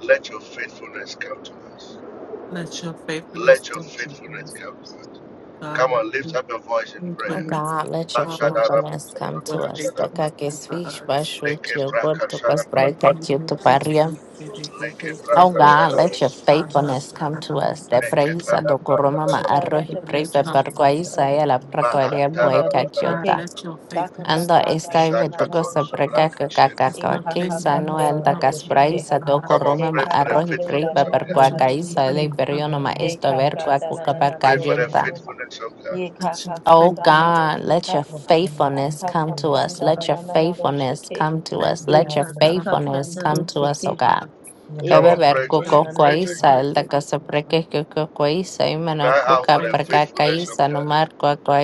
[SPEAKER 6] Let your faithfulness come to us.
[SPEAKER 3] Let your faithfulness
[SPEAKER 6] Let your
[SPEAKER 3] be with
[SPEAKER 6] faithfulness
[SPEAKER 3] us.
[SPEAKER 6] help us. Come
[SPEAKER 3] God, let
[SPEAKER 6] on, lift
[SPEAKER 3] your
[SPEAKER 6] up your voice in
[SPEAKER 1] oh
[SPEAKER 6] prayer.
[SPEAKER 3] faithfulness
[SPEAKER 1] God, let your
[SPEAKER 3] um,
[SPEAKER 6] Ashadara,
[SPEAKER 1] faithfulness come to
[SPEAKER 3] your
[SPEAKER 1] us.
[SPEAKER 6] Ashadara,
[SPEAKER 3] faithfulness come to us.
[SPEAKER 6] Lekebra,
[SPEAKER 3] Your
[SPEAKER 6] Ashadara,
[SPEAKER 3] faithfulness be with us. May they
[SPEAKER 6] Lekebra,
[SPEAKER 3] from
[SPEAKER 1] Oh
[SPEAKER 2] Yes,
[SPEAKER 3] you.
[SPEAKER 1] God,
[SPEAKER 6] Ashadara,
[SPEAKER 1] let your
[SPEAKER 3] God, God,
[SPEAKER 1] faithfulness
[SPEAKER 7] your
[SPEAKER 3] God,
[SPEAKER 1] come
[SPEAKER 3] I
[SPEAKER 1] to
[SPEAKER 3] love
[SPEAKER 1] us.
[SPEAKER 7] faithfulness,
[SPEAKER 1] Te
[SPEAKER 3] us. I
[SPEAKER 1] praise
[SPEAKER 6] Mekebra,
[SPEAKER 1] do coroma
[SPEAKER 3] Let
[SPEAKER 1] ma
[SPEAKER 5] Oh
[SPEAKER 3] your
[SPEAKER 5] God,
[SPEAKER 6] Ashadara,
[SPEAKER 5] let
[SPEAKER 1] arrohi
[SPEAKER 5] your
[SPEAKER 1] pray
[SPEAKER 3] faithfulness
[SPEAKER 1] pe
[SPEAKER 3] come
[SPEAKER 5] faithfulness
[SPEAKER 3] to
[SPEAKER 1] parqua
[SPEAKER 5] come
[SPEAKER 3] us.
[SPEAKER 7] Jesus, your
[SPEAKER 5] to us.
[SPEAKER 1] Isaia la
[SPEAKER 7] faithfulness,
[SPEAKER 1] pracoria
[SPEAKER 6] Mahantara,
[SPEAKER 5] Akapranda
[SPEAKER 1] bueca
[SPEAKER 5] dosi
[SPEAKER 3] God,
[SPEAKER 1] jota.
[SPEAKER 5] ke.
[SPEAKER 3] let your
[SPEAKER 5] Daka
[SPEAKER 3] faithfulness
[SPEAKER 1] Ando
[SPEAKER 3] come
[SPEAKER 7] faithfulness,
[SPEAKER 5] kapranda
[SPEAKER 3] to
[SPEAKER 1] estai
[SPEAKER 3] us.
[SPEAKER 7] Jesus.
[SPEAKER 5] na na
[SPEAKER 1] vetugo sa
[SPEAKER 6] Shakatona,
[SPEAKER 5] dosi ka.
[SPEAKER 1] preca
[SPEAKER 7] faithfulness.
[SPEAKER 3] Let
[SPEAKER 6] Ashadara.
[SPEAKER 1] cacaca
[SPEAKER 3] your
[SPEAKER 5] Eka ka
[SPEAKER 1] quisa
[SPEAKER 5] ka
[SPEAKER 1] no
[SPEAKER 3] faithfulness
[SPEAKER 1] el
[SPEAKER 7] Lord, we
[SPEAKER 1] da
[SPEAKER 5] prenda
[SPEAKER 3] come
[SPEAKER 7] pray for
[SPEAKER 5] dosi
[SPEAKER 3] to us.
[SPEAKER 5] ke
[SPEAKER 1] caspraisa
[SPEAKER 5] ha.
[SPEAKER 3] God,
[SPEAKER 7] faithfulness
[SPEAKER 1] do
[SPEAKER 6] Come on,
[SPEAKER 1] coroma ma
[SPEAKER 6] pray
[SPEAKER 5] Deka
[SPEAKER 6] for the
[SPEAKER 5] ka
[SPEAKER 1] arrohi pray
[SPEAKER 5] prenda
[SPEAKER 7] in
[SPEAKER 1] pe
[SPEAKER 6] faithfulness
[SPEAKER 5] na
[SPEAKER 6] of
[SPEAKER 7] our
[SPEAKER 5] na na
[SPEAKER 6] God.
[SPEAKER 3] let
[SPEAKER 1] parqua
[SPEAKER 5] na
[SPEAKER 3] your
[SPEAKER 7] homes,
[SPEAKER 5] dosi
[SPEAKER 1] caisa le
[SPEAKER 5] ke.
[SPEAKER 3] faithfulness
[SPEAKER 7] in
[SPEAKER 3] come to
[SPEAKER 1] periono
[SPEAKER 7] our
[SPEAKER 3] us.
[SPEAKER 1] ma
[SPEAKER 7] life,
[SPEAKER 1] esto
[SPEAKER 5] Deka
[SPEAKER 7] Lord
[SPEAKER 1] ver qua
[SPEAKER 5] pranda
[SPEAKER 7] Jesus,
[SPEAKER 5] na
[SPEAKER 1] cuca
[SPEAKER 7] in
[SPEAKER 5] na na
[SPEAKER 7] our
[SPEAKER 5] na
[SPEAKER 1] parca
[SPEAKER 6] Pray for the
[SPEAKER 5] dosi
[SPEAKER 1] jota.
[SPEAKER 5] ke
[SPEAKER 7] environment.
[SPEAKER 5] ha.
[SPEAKER 6] faithfulness of God.
[SPEAKER 5] Ye ka
[SPEAKER 3] which is
[SPEAKER 5] ka ka
[SPEAKER 1] Oh
[SPEAKER 5] pranda
[SPEAKER 3] faithfulness
[SPEAKER 1] God,
[SPEAKER 5] dosi
[SPEAKER 3] to
[SPEAKER 1] let your
[SPEAKER 5] ka.
[SPEAKER 7] Oh
[SPEAKER 3] us,
[SPEAKER 7] God, let your
[SPEAKER 1] faithfulness
[SPEAKER 5] Aka
[SPEAKER 1] come
[SPEAKER 5] ka
[SPEAKER 1] to
[SPEAKER 7] faithfulness
[SPEAKER 1] us.
[SPEAKER 5] pranda
[SPEAKER 7] come
[SPEAKER 1] Let
[SPEAKER 5] na
[SPEAKER 3] um,
[SPEAKER 1] your
[SPEAKER 5] na
[SPEAKER 7] to us.
[SPEAKER 5] na na dosi
[SPEAKER 1] faithfulness
[SPEAKER 5] ke.
[SPEAKER 1] come
[SPEAKER 3] and
[SPEAKER 1] to us. Let
[SPEAKER 7] Lord,
[SPEAKER 1] your
[SPEAKER 3] faithfulness
[SPEAKER 5] Eka
[SPEAKER 7] let
[SPEAKER 5] ka
[SPEAKER 7] your
[SPEAKER 3] um,
[SPEAKER 5] ka
[SPEAKER 3] to
[SPEAKER 1] faithfulness
[SPEAKER 7] faithfulness come
[SPEAKER 1] come to
[SPEAKER 7] to
[SPEAKER 5] dosi
[SPEAKER 1] us,
[SPEAKER 7] us.
[SPEAKER 1] oh
[SPEAKER 5] ke ha.
[SPEAKER 1] God.
[SPEAKER 3] us,
[SPEAKER 7] In the
[SPEAKER 6] Come
[SPEAKER 7] mighty
[SPEAKER 5] Eka
[SPEAKER 6] on,
[SPEAKER 5] ka
[SPEAKER 1] Beber
[SPEAKER 6] pray
[SPEAKER 7] name
[SPEAKER 6] to
[SPEAKER 7] of
[SPEAKER 3] um,
[SPEAKER 6] Him,
[SPEAKER 1] coco
[SPEAKER 7] Jesus,
[SPEAKER 5] na
[SPEAKER 3] to
[SPEAKER 6] pray
[SPEAKER 5] na
[SPEAKER 6] to Him.
[SPEAKER 7] Lord.
[SPEAKER 1] coisa,
[SPEAKER 5] dosi
[SPEAKER 1] el
[SPEAKER 5] ke.
[SPEAKER 1] da
[SPEAKER 3] us,
[SPEAKER 1] casa
[SPEAKER 3] um,
[SPEAKER 1] preque coco coisa, y mano
[SPEAKER 6] Cry
[SPEAKER 3] and
[SPEAKER 6] out
[SPEAKER 1] Beberberkukukwa
[SPEAKER 6] for the
[SPEAKER 3] faithfulness
[SPEAKER 1] isa, Ildakasaprikikukukwa isa, Imanakukaprakaka
[SPEAKER 6] faithfulness
[SPEAKER 3] to
[SPEAKER 6] of
[SPEAKER 1] isa,
[SPEAKER 6] God,
[SPEAKER 1] Numarkwakwa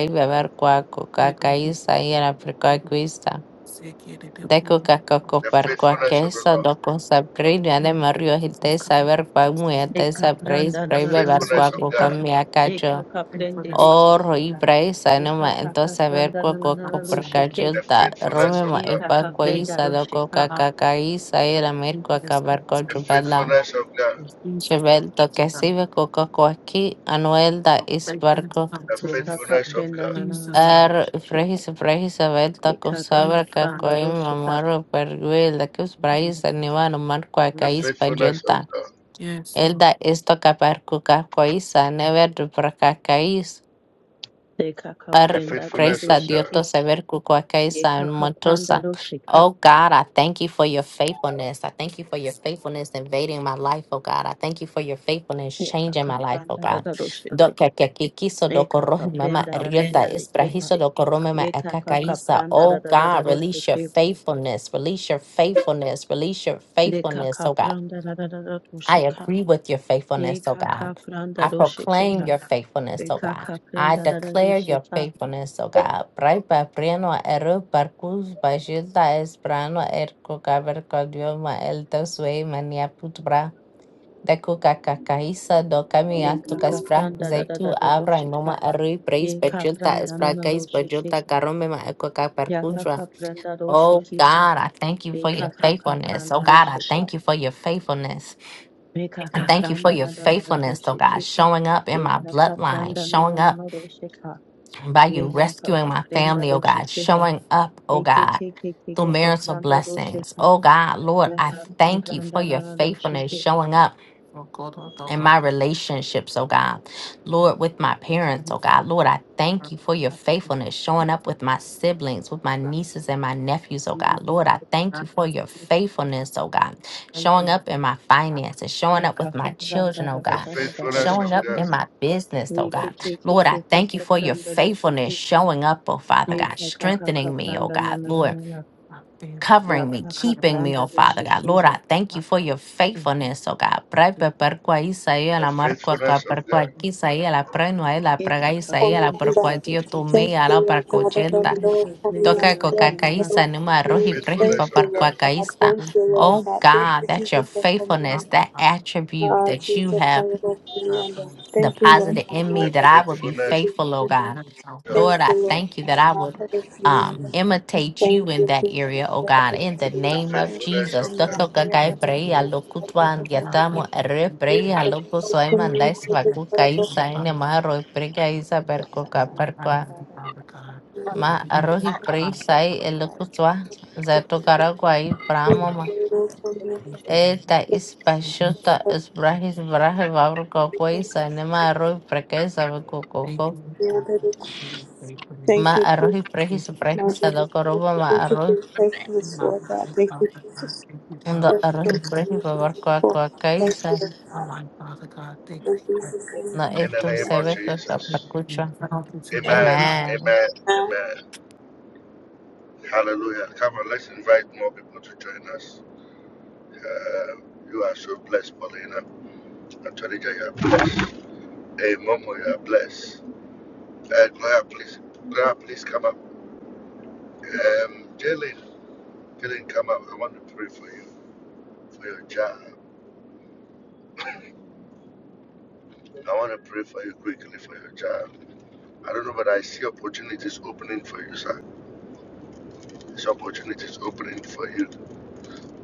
[SPEAKER 3] faithful
[SPEAKER 1] Ibeberkwakukaka
[SPEAKER 3] to be
[SPEAKER 1] isa, Ianaprikakwa
[SPEAKER 3] faithful.
[SPEAKER 1] isa.
[SPEAKER 3] Say, get it up, um, um,
[SPEAKER 6] the
[SPEAKER 3] um, um,
[SPEAKER 1] Dekukakukuparkwaka
[SPEAKER 6] faithfulness of the
[SPEAKER 1] isa,
[SPEAKER 6] Lord,
[SPEAKER 3] um,
[SPEAKER 1] Dokusaprinia de coca coco perco queso, do cosa prina de
[SPEAKER 3] um,
[SPEAKER 1] Mario
[SPEAKER 3] faithfulness
[SPEAKER 1] Hitesa,
[SPEAKER 3] comes from the
[SPEAKER 1] Berkwa
[SPEAKER 3] Son of God.
[SPEAKER 5] Deka
[SPEAKER 1] Muetesa, Preis,
[SPEAKER 5] pranda na
[SPEAKER 6] the
[SPEAKER 5] na na na
[SPEAKER 3] This is
[SPEAKER 6] faithfulness
[SPEAKER 5] dosi
[SPEAKER 3] the
[SPEAKER 6] of God.
[SPEAKER 1] Preibeberkwakukwa
[SPEAKER 3] meaning.
[SPEAKER 1] Miakacho.
[SPEAKER 5] Ekaka
[SPEAKER 3] Faithfulness
[SPEAKER 5] prendere
[SPEAKER 3] comes
[SPEAKER 1] Oro y
[SPEAKER 5] shekera.
[SPEAKER 1] Praisa, Numa,
[SPEAKER 5] Ekaka
[SPEAKER 1] entonces ver
[SPEAKER 5] prenda
[SPEAKER 1] coa
[SPEAKER 5] na na na
[SPEAKER 3] from
[SPEAKER 1] coco
[SPEAKER 5] na
[SPEAKER 1] perca
[SPEAKER 3] seeing.
[SPEAKER 5] rusheke.
[SPEAKER 6] the
[SPEAKER 1] chilta,
[SPEAKER 3] Thank you.
[SPEAKER 1] rome
[SPEAKER 6] faithfulness
[SPEAKER 1] ma
[SPEAKER 6] of
[SPEAKER 1] y Berkwakukuparkachilta, Rumima
[SPEAKER 6] God,
[SPEAKER 5] Ekaka
[SPEAKER 1] Ipakwa
[SPEAKER 3] Amen.
[SPEAKER 5] prenda
[SPEAKER 1] isa,
[SPEAKER 5] rusheka.
[SPEAKER 3] Um,
[SPEAKER 1] Dokukakaka isa,
[SPEAKER 3] the faithfulness comes
[SPEAKER 6] the
[SPEAKER 3] from the
[SPEAKER 1] Iramirkwakabarkochupela.
[SPEAKER 3] Son.
[SPEAKER 6] faithfulness of
[SPEAKER 3] In
[SPEAKER 6] God,
[SPEAKER 3] Jesus,
[SPEAKER 1] Chevelto
[SPEAKER 3] name,
[SPEAKER 1] que
[SPEAKER 3] God,
[SPEAKER 1] sive coco coaqui, anuelda
[SPEAKER 3] for faithfulness
[SPEAKER 1] isbarco,
[SPEAKER 3] come
[SPEAKER 6] the
[SPEAKER 3] to us.
[SPEAKER 5] Ekaka
[SPEAKER 6] faithfulness
[SPEAKER 3] In
[SPEAKER 6] of
[SPEAKER 5] prenda
[SPEAKER 6] God,
[SPEAKER 5] na na na
[SPEAKER 3] Jesus,
[SPEAKER 5] na
[SPEAKER 3] name,
[SPEAKER 1] ar
[SPEAKER 5] rusheke.
[SPEAKER 1] frejis frejis abelta cosabra
[SPEAKER 3] Jesus,
[SPEAKER 5] Ekaka
[SPEAKER 3] name,
[SPEAKER 5] prenda
[SPEAKER 1] cacoim
[SPEAKER 5] rusheka.
[SPEAKER 1] mamarro perguelda que os praís anivano marco
[SPEAKER 6] the
[SPEAKER 3] amen.
[SPEAKER 1] acaís
[SPEAKER 6] faithfulness of
[SPEAKER 1] payenta.
[SPEAKER 6] God,
[SPEAKER 3] yes, Lord.
[SPEAKER 1] Elda esto caparco cacoísa, never
[SPEAKER 5] Ekaka
[SPEAKER 6] the
[SPEAKER 1] Ar
[SPEAKER 5] prenda da da
[SPEAKER 6] faithfulness of
[SPEAKER 1] gracia Dios
[SPEAKER 6] God,
[SPEAKER 1] to
[SPEAKER 5] rusheke.
[SPEAKER 1] saber cu cualquier san
[SPEAKER 5] Ekaka prenda
[SPEAKER 1] matosa.
[SPEAKER 5] rusheka.
[SPEAKER 1] Oh God, I thank you for your faithfulness. I thank you for your faithfulness invading my life, oh God. I thank you for your faithfulness changing
[SPEAKER 5] Ekaka
[SPEAKER 1] my life, oh
[SPEAKER 5] prenda da
[SPEAKER 1] God.
[SPEAKER 5] da
[SPEAKER 1] Do
[SPEAKER 5] rusheke.
[SPEAKER 1] que que que quiso do corroje
[SPEAKER 5] Ekaka
[SPEAKER 1] mama
[SPEAKER 5] prenda na na
[SPEAKER 1] rieta es
[SPEAKER 5] rusheke.
[SPEAKER 1] prahiso do corrome ma
[SPEAKER 5] Ekaka
[SPEAKER 1] akakaisa.
[SPEAKER 5] prenda da
[SPEAKER 1] Oh
[SPEAKER 5] da da da
[SPEAKER 1] God, release your
[SPEAKER 5] rusheke.
[SPEAKER 1] faithfulness, release your faithfulness, release your faithfulness,
[SPEAKER 5] Ekaka
[SPEAKER 1] oh God.
[SPEAKER 5] prenda da da da da
[SPEAKER 1] I
[SPEAKER 5] rusheka.
[SPEAKER 1] agree with your faithfulness, oh
[SPEAKER 5] Ekaka
[SPEAKER 1] God.
[SPEAKER 5] prenda
[SPEAKER 1] I
[SPEAKER 5] rusheke.
[SPEAKER 1] proclaim your faithfulness, oh
[SPEAKER 5] Reka
[SPEAKER 1] God. I
[SPEAKER 5] kaprenda da da de
[SPEAKER 1] declare your
[SPEAKER 5] sheka.
[SPEAKER 1] faithfulness, oh God. Brai pa prieno eru parkus bajilda esprano erko kaver kodioma el tosue mania putbra. Deku kakakaisa do kamia
[SPEAKER 5] Reka
[SPEAKER 1] tukaspra
[SPEAKER 5] kapranda da da da
[SPEAKER 1] zeitu
[SPEAKER 5] da do
[SPEAKER 1] avra moma
[SPEAKER 5] sheka.
[SPEAKER 1] erui praise
[SPEAKER 5] Ye
[SPEAKER 1] bajilda
[SPEAKER 5] kapranda na
[SPEAKER 1] espra
[SPEAKER 5] na
[SPEAKER 1] kais
[SPEAKER 5] do sheke.
[SPEAKER 1] bajilda karome ma eko
[SPEAKER 5] Ya ka
[SPEAKER 1] kaperkusra.
[SPEAKER 5] kapranda do
[SPEAKER 1] Oh
[SPEAKER 5] sheki ha.
[SPEAKER 1] God, I thank you for your
[SPEAKER 5] Reka ka
[SPEAKER 1] faithfulness. Oh
[SPEAKER 5] kapranda do
[SPEAKER 1] God, I
[SPEAKER 5] sheka.
[SPEAKER 1] thank you for your faithfulness.
[SPEAKER 5] Reka
[SPEAKER 1] And thank you for
[SPEAKER 5] kapranda
[SPEAKER 1] your
[SPEAKER 5] da da da da do
[SPEAKER 1] faithfulness, oh God,
[SPEAKER 5] sheke.
[SPEAKER 1] showing up in
[SPEAKER 5] Ye
[SPEAKER 1] my
[SPEAKER 5] ka
[SPEAKER 1] bloodline,
[SPEAKER 5] kapranda na na
[SPEAKER 1] showing
[SPEAKER 5] na
[SPEAKER 1] up
[SPEAKER 5] na do sheka.
[SPEAKER 1] by you
[SPEAKER 5] Ye ka ka
[SPEAKER 1] rescuing my
[SPEAKER 5] kapranda
[SPEAKER 1] family, oh
[SPEAKER 5] do
[SPEAKER 1] God,
[SPEAKER 5] sheke ha.
[SPEAKER 1] showing up, oh
[SPEAKER 5] Eke
[SPEAKER 1] God,
[SPEAKER 5] ke ke ke
[SPEAKER 1] through
[SPEAKER 5] ko
[SPEAKER 1] marital
[SPEAKER 5] kapranda do
[SPEAKER 1] blessings.
[SPEAKER 5] sheka.
[SPEAKER 1] Oh God, Lord,
[SPEAKER 5] Ya
[SPEAKER 1] I
[SPEAKER 5] ka
[SPEAKER 3] Let
[SPEAKER 1] thank
[SPEAKER 3] it
[SPEAKER 1] you for
[SPEAKER 5] kapranda na
[SPEAKER 1] your
[SPEAKER 5] na do
[SPEAKER 3] be
[SPEAKER 1] faithfulness,
[SPEAKER 5] sheke.
[SPEAKER 1] showing
[SPEAKER 3] faithful
[SPEAKER 1] up
[SPEAKER 3] For God, our
[SPEAKER 1] and
[SPEAKER 3] double.
[SPEAKER 1] my
[SPEAKER 3] We
[SPEAKER 1] relationships, oh God. Lord, with my
[SPEAKER 3] thank
[SPEAKER 1] parents,
[SPEAKER 3] you
[SPEAKER 1] oh God. Lord, I thank
[SPEAKER 3] for
[SPEAKER 1] you for your
[SPEAKER 3] that. We thank
[SPEAKER 1] faithfulness
[SPEAKER 3] you
[SPEAKER 1] showing
[SPEAKER 3] for
[SPEAKER 1] up with my siblings, with my
[SPEAKER 3] that.
[SPEAKER 1] nieces and my nephews, oh
[SPEAKER 3] We give
[SPEAKER 1] God.
[SPEAKER 3] you
[SPEAKER 1] Lord,
[SPEAKER 3] the
[SPEAKER 1] I thank you
[SPEAKER 3] thanks.
[SPEAKER 1] for your
[SPEAKER 3] We thank you for
[SPEAKER 1] faithfulness, oh
[SPEAKER 3] that.
[SPEAKER 1] God.
[SPEAKER 3] Thank you.
[SPEAKER 1] Showing up in my
[SPEAKER 3] I
[SPEAKER 1] finances, showing
[SPEAKER 5] La
[SPEAKER 1] up
[SPEAKER 5] ka
[SPEAKER 1] with my children,
[SPEAKER 5] kapranda
[SPEAKER 1] oh
[SPEAKER 5] da
[SPEAKER 6] the
[SPEAKER 5] da
[SPEAKER 1] God.
[SPEAKER 5] da da da da
[SPEAKER 6] faithfulness
[SPEAKER 5] do
[SPEAKER 3] am
[SPEAKER 1] Showing
[SPEAKER 6] of
[SPEAKER 3] so
[SPEAKER 1] up
[SPEAKER 5] sheke.
[SPEAKER 6] God,
[SPEAKER 1] in my business, oh
[SPEAKER 5] Nike
[SPEAKER 1] God.
[SPEAKER 5] keke
[SPEAKER 1] Lord, I
[SPEAKER 5] keke
[SPEAKER 1] thank you for your
[SPEAKER 5] pranda do
[SPEAKER 1] faithfulness
[SPEAKER 5] sheke.
[SPEAKER 1] showing up, oh Father God,
[SPEAKER 5] Nika kaka ka
[SPEAKER 1] strengthening me, oh
[SPEAKER 5] pranda na
[SPEAKER 1] God.
[SPEAKER 5] na na
[SPEAKER 1] Lord,
[SPEAKER 5] na na.
[SPEAKER 3] happy.
[SPEAKER 5] Ya
[SPEAKER 1] covering me,
[SPEAKER 5] kaka
[SPEAKER 1] keeping me, oh
[SPEAKER 5] pranda do
[SPEAKER 1] Father God.
[SPEAKER 5] sheke
[SPEAKER 1] Lord,
[SPEAKER 5] ha.
[SPEAKER 1] I thank you for your faithfulness, oh God. Pray pe perqua Isaia
[SPEAKER 6] the
[SPEAKER 1] la marqua ca
[SPEAKER 6] faithfulness of
[SPEAKER 1] perqua
[SPEAKER 6] God,
[SPEAKER 1] Isaia la preno e la praga
[SPEAKER 5] Eka ka
[SPEAKER 1] Isaia la
[SPEAKER 5] pranda da
[SPEAKER 2] Komianda.
[SPEAKER 1] perqua
[SPEAKER 5] da do
[SPEAKER 1] tio tu
[SPEAKER 5] sheke.
[SPEAKER 1] me
[SPEAKER 2] Thank
[SPEAKER 1] a la
[SPEAKER 2] you,
[SPEAKER 1] perqua
[SPEAKER 2] Lord God.
[SPEAKER 1] ochenta.
[SPEAKER 5] Nika ka
[SPEAKER 2] Adoro
[SPEAKER 5] pranda
[SPEAKER 1] Toca
[SPEAKER 5] na
[SPEAKER 3] I am
[SPEAKER 5] na
[SPEAKER 1] coca
[SPEAKER 2] Komianda.
[SPEAKER 3] so
[SPEAKER 5] na na na.
[SPEAKER 2] Adoro
[SPEAKER 1] caisa numa
[SPEAKER 6] the
[SPEAKER 1] roji
[SPEAKER 2] Komianda.
[SPEAKER 1] preji
[SPEAKER 2] Thank
[SPEAKER 1] pa
[SPEAKER 6] faithfulness
[SPEAKER 3] happy.
[SPEAKER 2] you,
[SPEAKER 6] of God,
[SPEAKER 2] Lord
[SPEAKER 1] perqua
[SPEAKER 2] God.
[SPEAKER 1] caisa.
[SPEAKER 2] Thank
[SPEAKER 3] Thank
[SPEAKER 2] you,
[SPEAKER 3] you,
[SPEAKER 2] Lord
[SPEAKER 1] Oh
[SPEAKER 3] Lord.
[SPEAKER 2] God. Thank
[SPEAKER 1] God,
[SPEAKER 2] you,
[SPEAKER 1] that's your
[SPEAKER 2] Jesus, for
[SPEAKER 1] faithfulness,
[SPEAKER 2] Komianda.
[SPEAKER 3] Abba,
[SPEAKER 1] that
[SPEAKER 3] Abba,
[SPEAKER 1] attribute
[SPEAKER 2] Ah,
[SPEAKER 1] that you
[SPEAKER 2] Jesus,
[SPEAKER 1] have
[SPEAKER 2] adoro
[SPEAKER 3] Abba, from
[SPEAKER 2] Komianda.
[SPEAKER 3] the
[SPEAKER 2] Thank you,
[SPEAKER 3] system.
[SPEAKER 2] Lord
[SPEAKER 1] deposited
[SPEAKER 2] God.
[SPEAKER 1] in
[SPEAKER 2] Now
[SPEAKER 6] the
[SPEAKER 1] me that
[SPEAKER 2] that
[SPEAKER 1] I
[SPEAKER 2] it
[SPEAKER 1] would
[SPEAKER 2] is
[SPEAKER 1] be
[SPEAKER 2] to
[SPEAKER 6] faithfulness
[SPEAKER 2] be
[SPEAKER 1] faithful, oh
[SPEAKER 2] given.
[SPEAKER 1] God.
[SPEAKER 3] That our
[SPEAKER 6] of God,
[SPEAKER 3] heart
[SPEAKER 1] Lord,
[SPEAKER 2] Thank you,
[SPEAKER 1] I
[SPEAKER 2] Lord
[SPEAKER 3] is
[SPEAKER 1] thank you that
[SPEAKER 2] God.
[SPEAKER 1] I
[SPEAKER 3] not
[SPEAKER 2] Now
[SPEAKER 1] would
[SPEAKER 2] for the
[SPEAKER 1] um,
[SPEAKER 2] Komianda.
[SPEAKER 3] divided. We
[SPEAKER 1] imitate you
[SPEAKER 2] Thank
[SPEAKER 1] in
[SPEAKER 2] you,
[SPEAKER 1] that
[SPEAKER 2] Jesus.
[SPEAKER 1] area, oh God,
[SPEAKER 2] Adoro
[SPEAKER 1] in the
[SPEAKER 6] the
[SPEAKER 2] Komianda.
[SPEAKER 1] name of
[SPEAKER 2] Thank you,
[SPEAKER 6] faithfulness
[SPEAKER 1] Jesus.
[SPEAKER 6] of God.
[SPEAKER 2] Komianda.
[SPEAKER 3] have
[SPEAKER 1] Toko
[SPEAKER 3] two
[SPEAKER 2] Adoro
[SPEAKER 1] kakai
[SPEAKER 3] things to
[SPEAKER 1] preia,
[SPEAKER 2] Komianda.
[SPEAKER 3] do. Abba,
[SPEAKER 1] lokutwa
[SPEAKER 2] Adoro
[SPEAKER 3] Abba, Abba,
[SPEAKER 1] andiatamo,
[SPEAKER 2] Komianda.
[SPEAKER 1] erre
[SPEAKER 2] Yes,
[SPEAKER 1] preia, loko
[SPEAKER 2] adoro
[SPEAKER 3] Abba,
[SPEAKER 1] soe
[SPEAKER 3] Abba,
[SPEAKER 2] Komianda.
[SPEAKER 1] mandais vakuka
[SPEAKER 3] thank you,
[SPEAKER 1] isa,
[SPEAKER 3] Father.
[SPEAKER 1] ene maharo preia isa perko ka
[SPEAKER 3] Thank
[SPEAKER 1] perkoa.
[SPEAKER 3] you, Father God.
[SPEAKER 2] Adoro
[SPEAKER 3] I
[SPEAKER 1] Ma
[SPEAKER 3] thank you,
[SPEAKER 1] arrohi
[SPEAKER 3] Father,
[SPEAKER 1] preisa
[SPEAKER 3] Father,
[SPEAKER 1] e lokutwa, zato
[SPEAKER 2] Komianda. Thank
[SPEAKER 3] Father,
[SPEAKER 2] you,
[SPEAKER 1] karagua
[SPEAKER 2] Jesus,
[SPEAKER 3] thank you for this.
[SPEAKER 1] Esta
[SPEAKER 3] Thank you,
[SPEAKER 1] ispashkuta
[SPEAKER 2] my
[SPEAKER 1] isprahi suprahi vavru kokoi sanema arroz preke sabe
[SPEAKER 3] thank
[SPEAKER 1] kokoko
[SPEAKER 3] you, Lord,
[SPEAKER 2] goodness.
[SPEAKER 3] for your
[SPEAKER 1] ma
[SPEAKER 3] faithfulness.
[SPEAKER 2] Thank you
[SPEAKER 1] arroz isprehi
[SPEAKER 3] Thank
[SPEAKER 1] suprahi
[SPEAKER 2] thank
[SPEAKER 1] sadoko roba ma
[SPEAKER 2] you for
[SPEAKER 1] arroz
[SPEAKER 2] your
[SPEAKER 3] you,
[SPEAKER 2] faithfulness,
[SPEAKER 3] my
[SPEAKER 2] Lord God.
[SPEAKER 3] life,
[SPEAKER 2] Thank you,
[SPEAKER 3] Father God.
[SPEAKER 2] Jesus.
[SPEAKER 3] Thank you,
[SPEAKER 1] undo
[SPEAKER 2] Thank
[SPEAKER 1] arroz
[SPEAKER 2] you,
[SPEAKER 3] Father.
[SPEAKER 2] Jesus.
[SPEAKER 1] isprehi vavar
[SPEAKER 2] Thank you, Lord
[SPEAKER 1] koakai
[SPEAKER 2] Thank you,
[SPEAKER 1] sa
[SPEAKER 2] Lord
[SPEAKER 3] my
[SPEAKER 2] God.
[SPEAKER 3] life, Father God. Thank
[SPEAKER 2] In
[SPEAKER 3] you
[SPEAKER 2] Jesus' name.
[SPEAKER 1] no
[SPEAKER 6] In the
[SPEAKER 1] esto
[SPEAKER 6] name of
[SPEAKER 1] sebe
[SPEAKER 6] Jesus.
[SPEAKER 1] kokapakucho.
[SPEAKER 3] for helping to,
[SPEAKER 6] Amen.
[SPEAKER 3] Father.
[SPEAKER 1] Amen.
[SPEAKER 6] Amen.
[SPEAKER 2] Amen.
[SPEAKER 6] Amen. Hallelujah. Come on, let's invite more people to join us. Uh, you are so blessed, Paulina. Antonija, you are blessed. Hey, Momo, you are blessed. Uh, Blair, please, Blair, please come up. Um, Jalen, Jalen, come up. I want to pray for you, for your job. I want to pray for you quickly for your job. I don't know, but I see opportunities opening for you, sir. There's opportunities opening for you.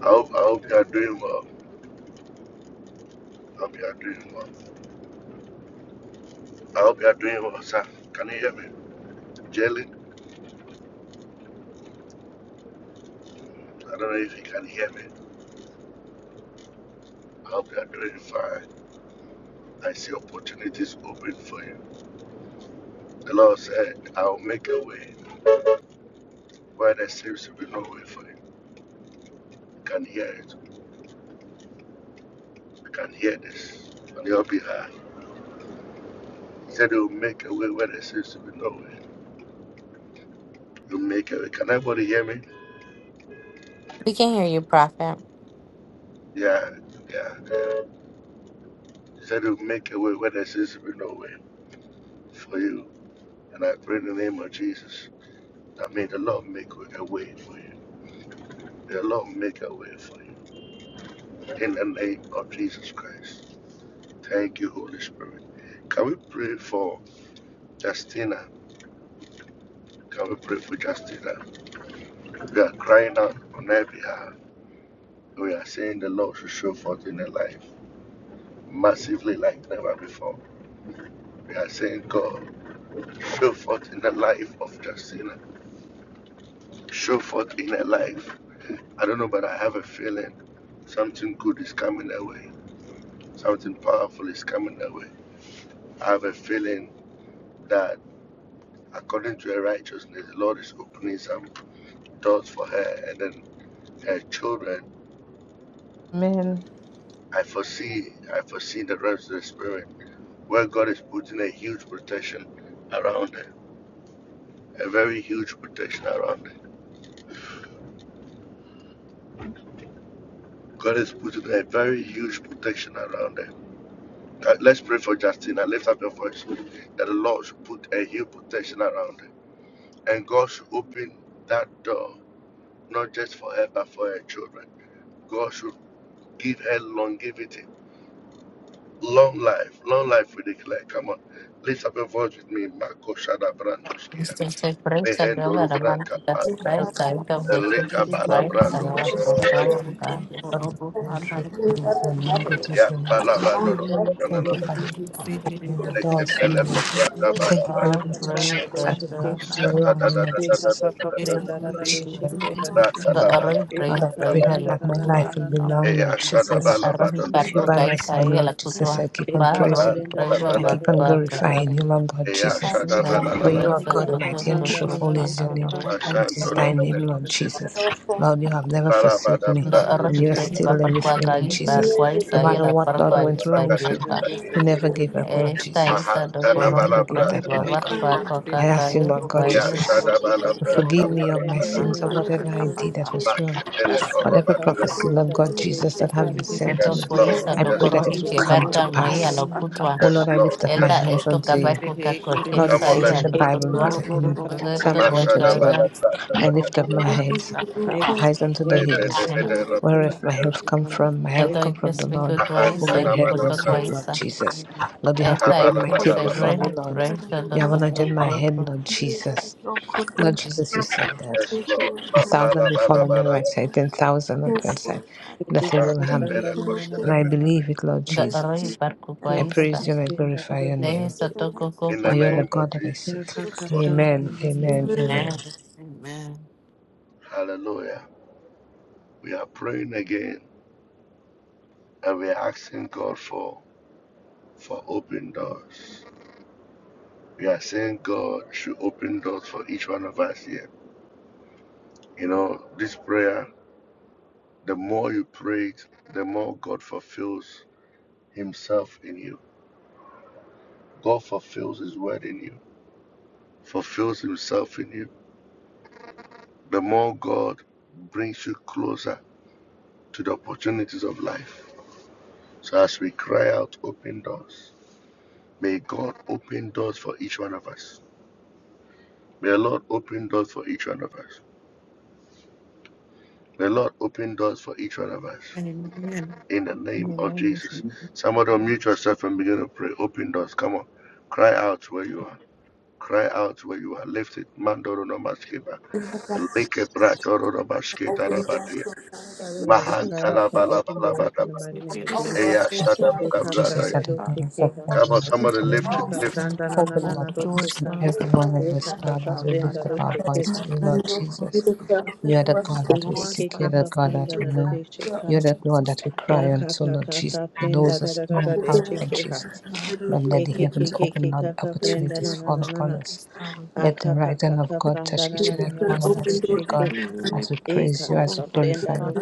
[SPEAKER 6] I hope, I hope you are doing well. I hope you are doing well. I hope you are doing well, sir. Can you hear me? Jalen, I don't know if you can hear me. I hope you are doing fine. I see opportunities open for you. The Lord said, I'll make a way where there seems to be no way for you. can hear it. I can hear this on your behalf. He said, You'll make a way where there seems to be no way. You'll make a way. Can everybody hear me?
[SPEAKER 1] We can hear you, Prophet.
[SPEAKER 6] Yeah, yeah, yeah. He said, You'll make a way where there seems to be no way for you. And I pray in the name of Jesus that may the Lord make a way for you. May the Lord make a way for you. In the name of Jesus Christ. Thank you, Holy Spirit. Can we pray for Justina? Can we pray for Justina? We are crying out on her behalf. We are seeing the Lord to show forth in their life massively like never before. We are saying, God, show forth in the life of Justina. Show forth in her life. I don't know, but I have a feeling something good is coming their way. Something powerful is coming their way. I have a feeling that according to her righteousness, the Lord is opening some doors for her and then her children.
[SPEAKER 7] Amen.
[SPEAKER 6] I foresee, I foresee the rest of the spirit where God is putting a huge protection around her a very huge protection around it. God is putting a very huge protection around it. Uh, let's pray for Justina. Lift up your voice. That the Lord should put a huge protection around it. And God should open that door, not just for her, but for her children. God should give her longevity, long life, long life we declare. Come on. Lift up your voice with me. Marco Shada Brandoskia.
[SPEAKER 1] Mr. Surprise, I know
[SPEAKER 6] Behendo
[SPEAKER 1] that I'm not
[SPEAKER 6] Rubranka
[SPEAKER 1] the
[SPEAKER 6] Panda.
[SPEAKER 7] Amen.
[SPEAKER 1] surprise. I
[SPEAKER 7] Thank
[SPEAKER 1] got voted
[SPEAKER 7] praise
[SPEAKER 6] Elika
[SPEAKER 7] God.
[SPEAKER 2] Thank you,
[SPEAKER 6] Bana
[SPEAKER 2] Lord
[SPEAKER 1] surprise. I
[SPEAKER 6] Brando.
[SPEAKER 7] Lord
[SPEAKER 1] don't want
[SPEAKER 6] Kuro.
[SPEAKER 7] Jesus,
[SPEAKER 1] to go
[SPEAKER 7] Father, in truth, it is your name, great is
[SPEAKER 6] Ya
[SPEAKER 7] your name.
[SPEAKER 6] Bala
[SPEAKER 4] Don't judge me.
[SPEAKER 7] Thank you,
[SPEAKER 6] Bando.
[SPEAKER 7] Father, for
[SPEAKER 1] but
[SPEAKER 7] opening the doors for me.
[SPEAKER 4] Don't judge
[SPEAKER 1] no,
[SPEAKER 4] me.
[SPEAKER 7] Thank you for the
[SPEAKER 5] Ya
[SPEAKER 1] I'm
[SPEAKER 5] ka
[SPEAKER 7] protection
[SPEAKER 1] afraid
[SPEAKER 5] pranda do
[SPEAKER 1] that,
[SPEAKER 7] that you have
[SPEAKER 1] uh,
[SPEAKER 5] sheke.
[SPEAKER 7] put around me, Lord
[SPEAKER 5] Nika
[SPEAKER 7] Jesus,
[SPEAKER 5] ka ka
[SPEAKER 7] and
[SPEAKER 5] pranda
[SPEAKER 7] around
[SPEAKER 5] da
[SPEAKER 7] my
[SPEAKER 5] da do
[SPEAKER 7] children,
[SPEAKER 5] sheke
[SPEAKER 7] around
[SPEAKER 5] ha.
[SPEAKER 7] my
[SPEAKER 1] the
[SPEAKER 7] family.
[SPEAKER 1] arroz
[SPEAKER 7] Lord,
[SPEAKER 1] break
[SPEAKER 5] Eka
[SPEAKER 7] I
[SPEAKER 5] ka
[SPEAKER 7] pray that
[SPEAKER 1] drive.
[SPEAKER 5] pranda
[SPEAKER 7] at
[SPEAKER 5] na
[SPEAKER 7] my
[SPEAKER 5] na na
[SPEAKER 7] life
[SPEAKER 5] na
[SPEAKER 7] will
[SPEAKER 5] na na na.
[SPEAKER 7] belong, Lord
[SPEAKER 1] na
[SPEAKER 7] Jesus.
[SPEAKER 1] arohi
[SPEAKER 7] With you
[SPEAKER 1] parku
[SPEAKER 7] by my
[SPEAKER 1] kai
[SPEAKER 7] side,
[SPEAKER 1] sai la
[SPEAKER 7] Lord Jesus, I
[SPEAKER 1] kutwa
[SPEAKER 7] keep on
[SPEAKER 5] Eka
[SPEAKER 1] ba
[SPEAKER 5] ka
[SPEAKER 1] rohi
[SPEAKER 7] praising. you.
[SPEAKER 5] pranda da da
[SPEAKER 1] praiva
[SPEAKER 7] I
[SPEAKER 5] da
[SPEAKER 7] keep
[SPEAKER 1] var
[SPEAKER 5] da
[SPEAKER 7] on
[SPEAKER 5] do
[SPEAKER 1] par
[SPEAKER 5] sheke.
[SPEAKER 7] glorifying you,
[SPEAKER 1] kakari
[SPEAKER 7] Lord God Jesus.
[SPEAKER 3] Thank
[SPEAKER 1] nai
[SPEAKER 7] For you
[SPEAKER 1] kadal
[SPEAKER 7] are
[SPEAKER 5] Eka
[SPEAKER 1] sa
[SPEAKER 5] ka
[SPEAKER 7] God,
[SPEAKER 1] to
[SPEAKER 5] ka
[SPEAKER 1] to
[SPEAKER 7] mighty and
[SPEAKER 1] to
[SPEAKER 5] pranda
[SPEAKER 1] to
[SPEAKER 5] na
[SPEAKER 7] truthful
[SPEAKER 5] na
[SPEAKER 1] to
[SPEAKER 5] do
[SPEAKER 7] is your
[SPEAKER 1] to
[SPEAKER 7] name.
[SPEAKER 5] sheke.
[SPEAKER 7] Great
[SPEAKER 1] to
[SPEAKER 7] is thy name, Lord
[SPEAKER 1] to
[SPEAKER 7] Jesus.
[SPEAKER 2] God.
[SPEAKER 7] Lord, you have never forsaken me,
[SPEAKER 1] ndo
[SPEAKER 7] and
[SPEAKER 1] arohi
[SPEAKER 7] you are still
[SPEAKER 1] praiva
[SPEAKER 7] there
[SPEAKER 1] par
[SPEAKER 7] with
[SPEAKER 1] kwa
[SPEAKER 7] me, Lord
[SPEAKER 1] kai par
[SPEAKER 7] Jesus.
[SPEAKER 1] kwa
[SPEAKER 7] No
[SPEAKER 1] sai
[SPEAKER 7] matter
[SPEAKER 1] la
[SPEAKER 7] what,
[SPEAKER 1] par
[SPEAKER 7] Lord,
[SPEAKER 1] kwa
[SPEAKER 7] went wrong with me,
[SPEAKER 1] spajeta
[SPEAKER 2] Thank
[SPEAKER 7] you
[SPEAKER 2] you,
[SPEAKER 7] never gave
[SPEAKER 2] Lord
[SPEAKER 7] up,
[SPEAKER 2] God.
[SPEAKER 7] Lord
[SPEAKER 1] esta
[SPEAKER 7] Jesus.
[SPEAKER 1] isa do
[SPEAKER 7] I
[SPEAKER 1] korohi
[SPEAKER 7] never gave up,
[SPEAKER 1] praiva
[SPEAKER 7] Lord
[SPEAKER 1] var
[SPEAKER 7] God.
[SPEAKER 2] Yes,
[SPEAKER 1] kwa
[SPEAKER 2] Lord.
[SPEAKER 7] I ask you,
[SPEAKER 1] kakari
[SPEAKER 2] Yes,
[SPEAKER 7] Lord God
[SPEAKER 2] Lord.
[SPEAKER 1] vai
[SPEAKER 7] Jesus,
[SPEAKER 2] Yes, Lord.
[SPEAKER 7] to
[SPEAKER 5] Eka
[SPEAKER 7] forgive
[SPEAKER 5] ka
[SPEAKER 7] me of my
[SPEAKER 5] pranda
[SPEAKER 2] Yes,
[SPEAKER 5] na
[SPEAKER 7] sins,
[SPEAKER 2] Lord.
[SPEAKER 5] na
[SPEAKER 2] Thank
[SPEAKER 7] of
[SPEAKER 5] do
[SPEAKER 7] whatever I
[SPEAKER 2] you.
[SPEAKER 5] sheke.
[SPEAKER 7] did
[SPEAKER 2] Lord
[SPEAKER 7] that was wrong,
[SPEAKER 5] Aka ka
[SPEAKER 7] whatever
[SPEAKER 5] ka ka
[SPEAKER 7] prophecy, Lord
[SPEAKER 5] pranda da
[SPEAKER 7] God
[SPEAKER 5] da do
[SPEAKER 7] Jesus, that have
[SPEAKER 5] sheke.
[SPEAKER 7] been sent to
[SPEAKER 1] do
[SPEAKER 6] Yes,
[SPEAKER 7] me.
[SPEAKER 6] Lord.
[SPEAKER 1] kuisa
[SPEAKER 5] Father
[SPEAKER 7] I
[SPEAKER 1] do
[SPEAKER 7] pray
[SPEAKER 6] Yes, Lord.
[SPEAKER 7] that
[SPEAKER 5] God,
[SPEAKER 1] korohi
[SPEAKER 7] it will come to
[SPEAKER 1] chebarka moi
[SPEAKER 7] pass.
[SPEAKER 1] la kutwa
[SPEAKER 7] Oh
[SPEAKER 6] Yes,
[SPEAKER 7] Lord, I
[SPEAKER 6] Lord.
[SPEAKER 7] lift up my
[SPEAKER 1] elda
[SPEAKER 6] Yes, Lord.
[SPEAKER 7] hands
[SPEAKER 1] esto
[SPEAKER 7] unto you.
[SPEAKER 1] kabaku kakwa
[SPEAKER 7] Lord, it
[SPEAKER 6] Come
[SPEAKER 1] kensa
[SPEAKER 6] on,
[SPEAKER 7] says in
[SPEAKER 1] ya
[SPEAKER 6] let's
[SPEAKER 7] the
[SPEAKER 1] la
[SPEAKER 6] pray.
[SPEAKER 7] Bible, it's
[SPEAKER 1] kutwa
[SPEAKER 7] in
[SPEAKER 1] zeto
[SPEAKER 7] Psalms
[SPEAKER 6] Masada bada
[SPEAKER 7] 121,
[SPEAKER 1] kakari
[SPEAKER 6] bada
[SPEAKER 7] I
[SPEAKER 6] bada
[SPEAKER 7] lift up my
[SPEAKER 6] bada.
[SPEAKER 7] heads,
[SPEAKER 3] you.
[SPEAKER 7] eyes unto the
[SPEAKER 6] Lebe
[SPEAKER 7] hills.
[SPEAKER 6] de
[SPEAKER 3] Amen.
[SPEAKER 6] bede la
[SPEAKER 7] Whereof my help come
[SPEAKER 3] Amen.
[SPEAKER 7] from, my help come from the Lord, who
[SPEAKER 6] mahanta
[SPEAKER 1] Edoikesmikudwaisa
[SPEAKER 7] made
[SPEAKER 6] na
[SPEAKER 7] heaven
[SPEAKER 6] bada
[SPEAKER 7] and earth,
[SPEAKER 6] bada.
[SPEAKER 7] Lord
[SPEAKER 1] nimbokokuaaisa.
[SPEAKER 7] Jesus. Lord, you have prepared
[SPEAKER 6] Kabala
[SPEAKER 7] my
[SPEAKER 6] bada
[SPEAKER 7] table
[SPEAKER 6] bada.
[SPEAKER 7] for me, Lord. You have anointed my head,
[SPEAKER 1] Etaikisebrenibrejtadokokoko.
[SPEAKER 7] Lord Jesus. Lord
[SPEAKER 2] God.
[SPEAKER 7] Jesus, you said that.
[SPEAKER 6] Yes,
[SPEAKER 2] Thank
[SPEAKER 6] Lord.
[SPEAKER 2] you,
[SPEAKER 7] A thousand
[SPEAKER 6] Mapala
[SPEAKER 7] may fall
[SPEAKER 6] bada
[SPEAKER 7] on my
[SPEAKER 6] bada.
[SPEAKER 2] Lord
[SPEAKER 7] right side,
[SPEAKER 2] God.
[SPEAKER 7] ten thousand on the
[SPEAKER 2] Yes,
[SPEAKER 7] other side.
[SPEAKER 2] Lord,
[SPEAKER 7] Nothing will
[SPEAKER 6] Bake
[SPEAKER 7] harm
[SPEAKER 2] you
[SPEAKER 7] me.
[SPEAKER 6] bede
[SPEAKER 2] for the
[SPEAKER 6] koshe
[SPEAKER 7] And
[SPEAKER 6] de
[SPEAKER 2] faith
[SPEAKER 7] I believe it, Lord
[SPEAKER 2] that
[SPEAKER 7] Jesus.
[SPEAKER 2] you have
[SPEAKER 7] I
[SPEAKER 2] opened
[SPEAKER 7] praise
[SPEAKER 1] Doroibarkukuaaisa.
[SPEAKER 7] you and I glorify your name.
[SPEAKER 2] the table.
[SPEAKER 6] be. In the
[SPEAKER 7] For you are the
[SPEAKER 1] Dehisotokokokoko.
[SPEAKER 6] name of
[SPEAKER 7] God that I seek.
[SPEAKER 2] Yes,
[SPEAKER 6] Jesus.
[SPEAKER 2] Lord.
[SPEAKER 7] Amen. Amen.
[SPEAKER 2] Amen.
[SPEAKER 7] Amen.
[SPEAKER 1] Amen.
[SPEAKER 6] Hallelujah. We are praying again and we are asking God for for open doors. We are saying God should open doors for each one of us here. You know, this prayer The more you pray it, the more God fulfills Himself in you. God fulfills His word in you, fulfills Himself in you. The more God brings you closer to the opportunities of life. So as we cry out, open doors. May God open doors for each one of us. May the Lord open doors for each one of us. May the Lord open doors for each one of us.
[SPEAKER 3] In the
[SPEAKER 6] In the name of
[SPEAKER 3] name of
[SPEAKER 6] Jesus.
[SPEAKER 3] Jesus.
[SPEAKER 6] Somebody unmute yourself and begin to pray. Open doors. Come on. Cry out where you are. Cry out where you are lifted. Mandoro no maskeba.
[SPEAKER 2] God,
[SPEAKER 6] Leke bratoro no
[SPEAKER 2] I thank
[SPEAKER 6] masketa
[SPEAKER 2] you,
[SPEAKER 6] rabadia.
[SPEAKER 5] we cry out
[SPEAKER 6] Mahantara
[SPEAKER 5] for open doors in the
[SPEAKER 6] balabalabadaba.
[SPEAKER 5] mighty name of Jesus.
[SPEAKER 6] Eya
[SPEAKER 7] I
[SPEAKER 2] the
[SPEAKER 7] pray, oh
[SPEAKER 2] time
[SPEAKER 7] God,
[SPEAKER 5] Eka
[SPEAKER 7] Jesus,
[SPEAKER 6] shadabadabradaya.
[SPEAKER 7] that
[SPEAKER 5] pranda
[SPEAKER 7] the
[SPEAKER 5] do
[SPEAKER 7] doors of
[SPEAKER 5] shikeha.
[SPEAKER 6] Come on,
[SPEAKER 7] heaven will
[SPEAKER 6] somebody
[SPEAKER 7] open,
[SPEAKER 6] lift it,
[SPEAKER 5] Eka
[SPEAKER 7] Lord.
[SPEAKER 5] ka
[SPEAKER 6] lift
[SPEAKER 5] pranda na na
[SPEAKER 7] Open,
[SPEAKER 5] na na
[SPEAKER 7] Lord,
[SPEAKER 3] Open
[SPEAKER 5] do
[SPEAKER 7] for each
[SPEAKER 3] doors,
[SPEAKER 7] and
[SPEAKER 5] shika.
[SPEAKER 3] love.
[SPEAKER 7] every one of us,
[SPEAKER 5] Eka ka
[SPEAKER 7] Lord,
[SPEAKER 5] ka
[SPEAKER 7] as
[SPEAKER 3] Doors,
[SPEAKER 7] we lift
[SPEAKER 5] prenda
[SPEAKER 7] up
[SPEAKER 5] do
[SPEAKER 7] our
[SPEAKER 5] shikeha.
[SPEAKER 7] voice to you, Lord
[SPEAKER 2] and your
[SPEAKER 7] Jesus.
[SPEAKER 2] committed to
[SPEAKER 7] You are the
[SPEAKER 2] us.
[SPEAKER 7] God that
[SPEAKER 2] Thank
[SPEAKER 7] we
[SPEAKER 5] Ekeke
[SPEAKER 7] seek. You are the
[SPEAKER 5] kaka
[SPEAKER 7] God that
[SPEAKER 5] pranda
[SPEAKER 2] you,
[SPEAKER 7] we
[SPEAKER 5] da da
[SPEAKER 7] know.
[SPEAKER 5] de
[SPEAKER 7] You
[SPEAKER 5] sheka.
[SPEAKER 7] are the God that we
[SPEAKER 5] Ya
[SPEAKER 7] cry unto,
[SPEAKER 5] kaka
[SPEAKER 7] Lord Jesus.
[SPEAKER 5] kaka
[SPEAKER 7] He knows
[SPEAKER 5] prenda da
[SPEAKER 7] us
[SPEAKER 5] da
[SPEAKER 7] in
[SPEAKER 5] da da
[SPEAKER 7] and
[SPEAKER 5] de
[SPEAKER 7] out, Lord Jesus. Lord, let the
[SPEAKER 5] Ekeke
[SPEAKER 7] heavens open,
[SPEAKER 5] keke
[SPEAKER 7] Lord.
[SPEAKER 5] kaka prenda
[SPEAKER 7] Opportunities
[SPEAKER 5] na na
[SPEAKER 7] fall
[SPEAKER 5] na na
[SPEAKER 7] upon
[SPEAKER 5] na.
[SPEAKER 7] us.
[SPEAKER 3] by the
[SPEAKER 7] Let the
[SPEAKER 5] Aka kaka
[SPEAKER 7] right hand of
[SPEAKER 5] kaka
[SPEAKER 7] God touch
[SPEAKER 5] pranda na
[SPEAKER 7] each
[SPEAKER 5] na
[SPEAKER 7] and
[SPEAKER 5] na
[SPEAKER 7] every
[SPEAKER 5] na na
[SPEAKER 3] Thank
[SPEAKER 7] one of
[SPEAKER 5] na do
[SPEAKER 7] us, Lord
[SPEAKER 3] you.
[SPEAKER 7] God,
[SPEAKER 5] sheke.
[SPEAKER 7] as we
[SPEAKER 5] E
[SPEAKER 7] praise
[SPEAKER 5] kaka
[SPEAKER 7] you, as we
[SPEAKER 5] kaka prenda
[SPEAKER 7] glorify
[SPEAKER 5] do
[SPEAKER 7] you.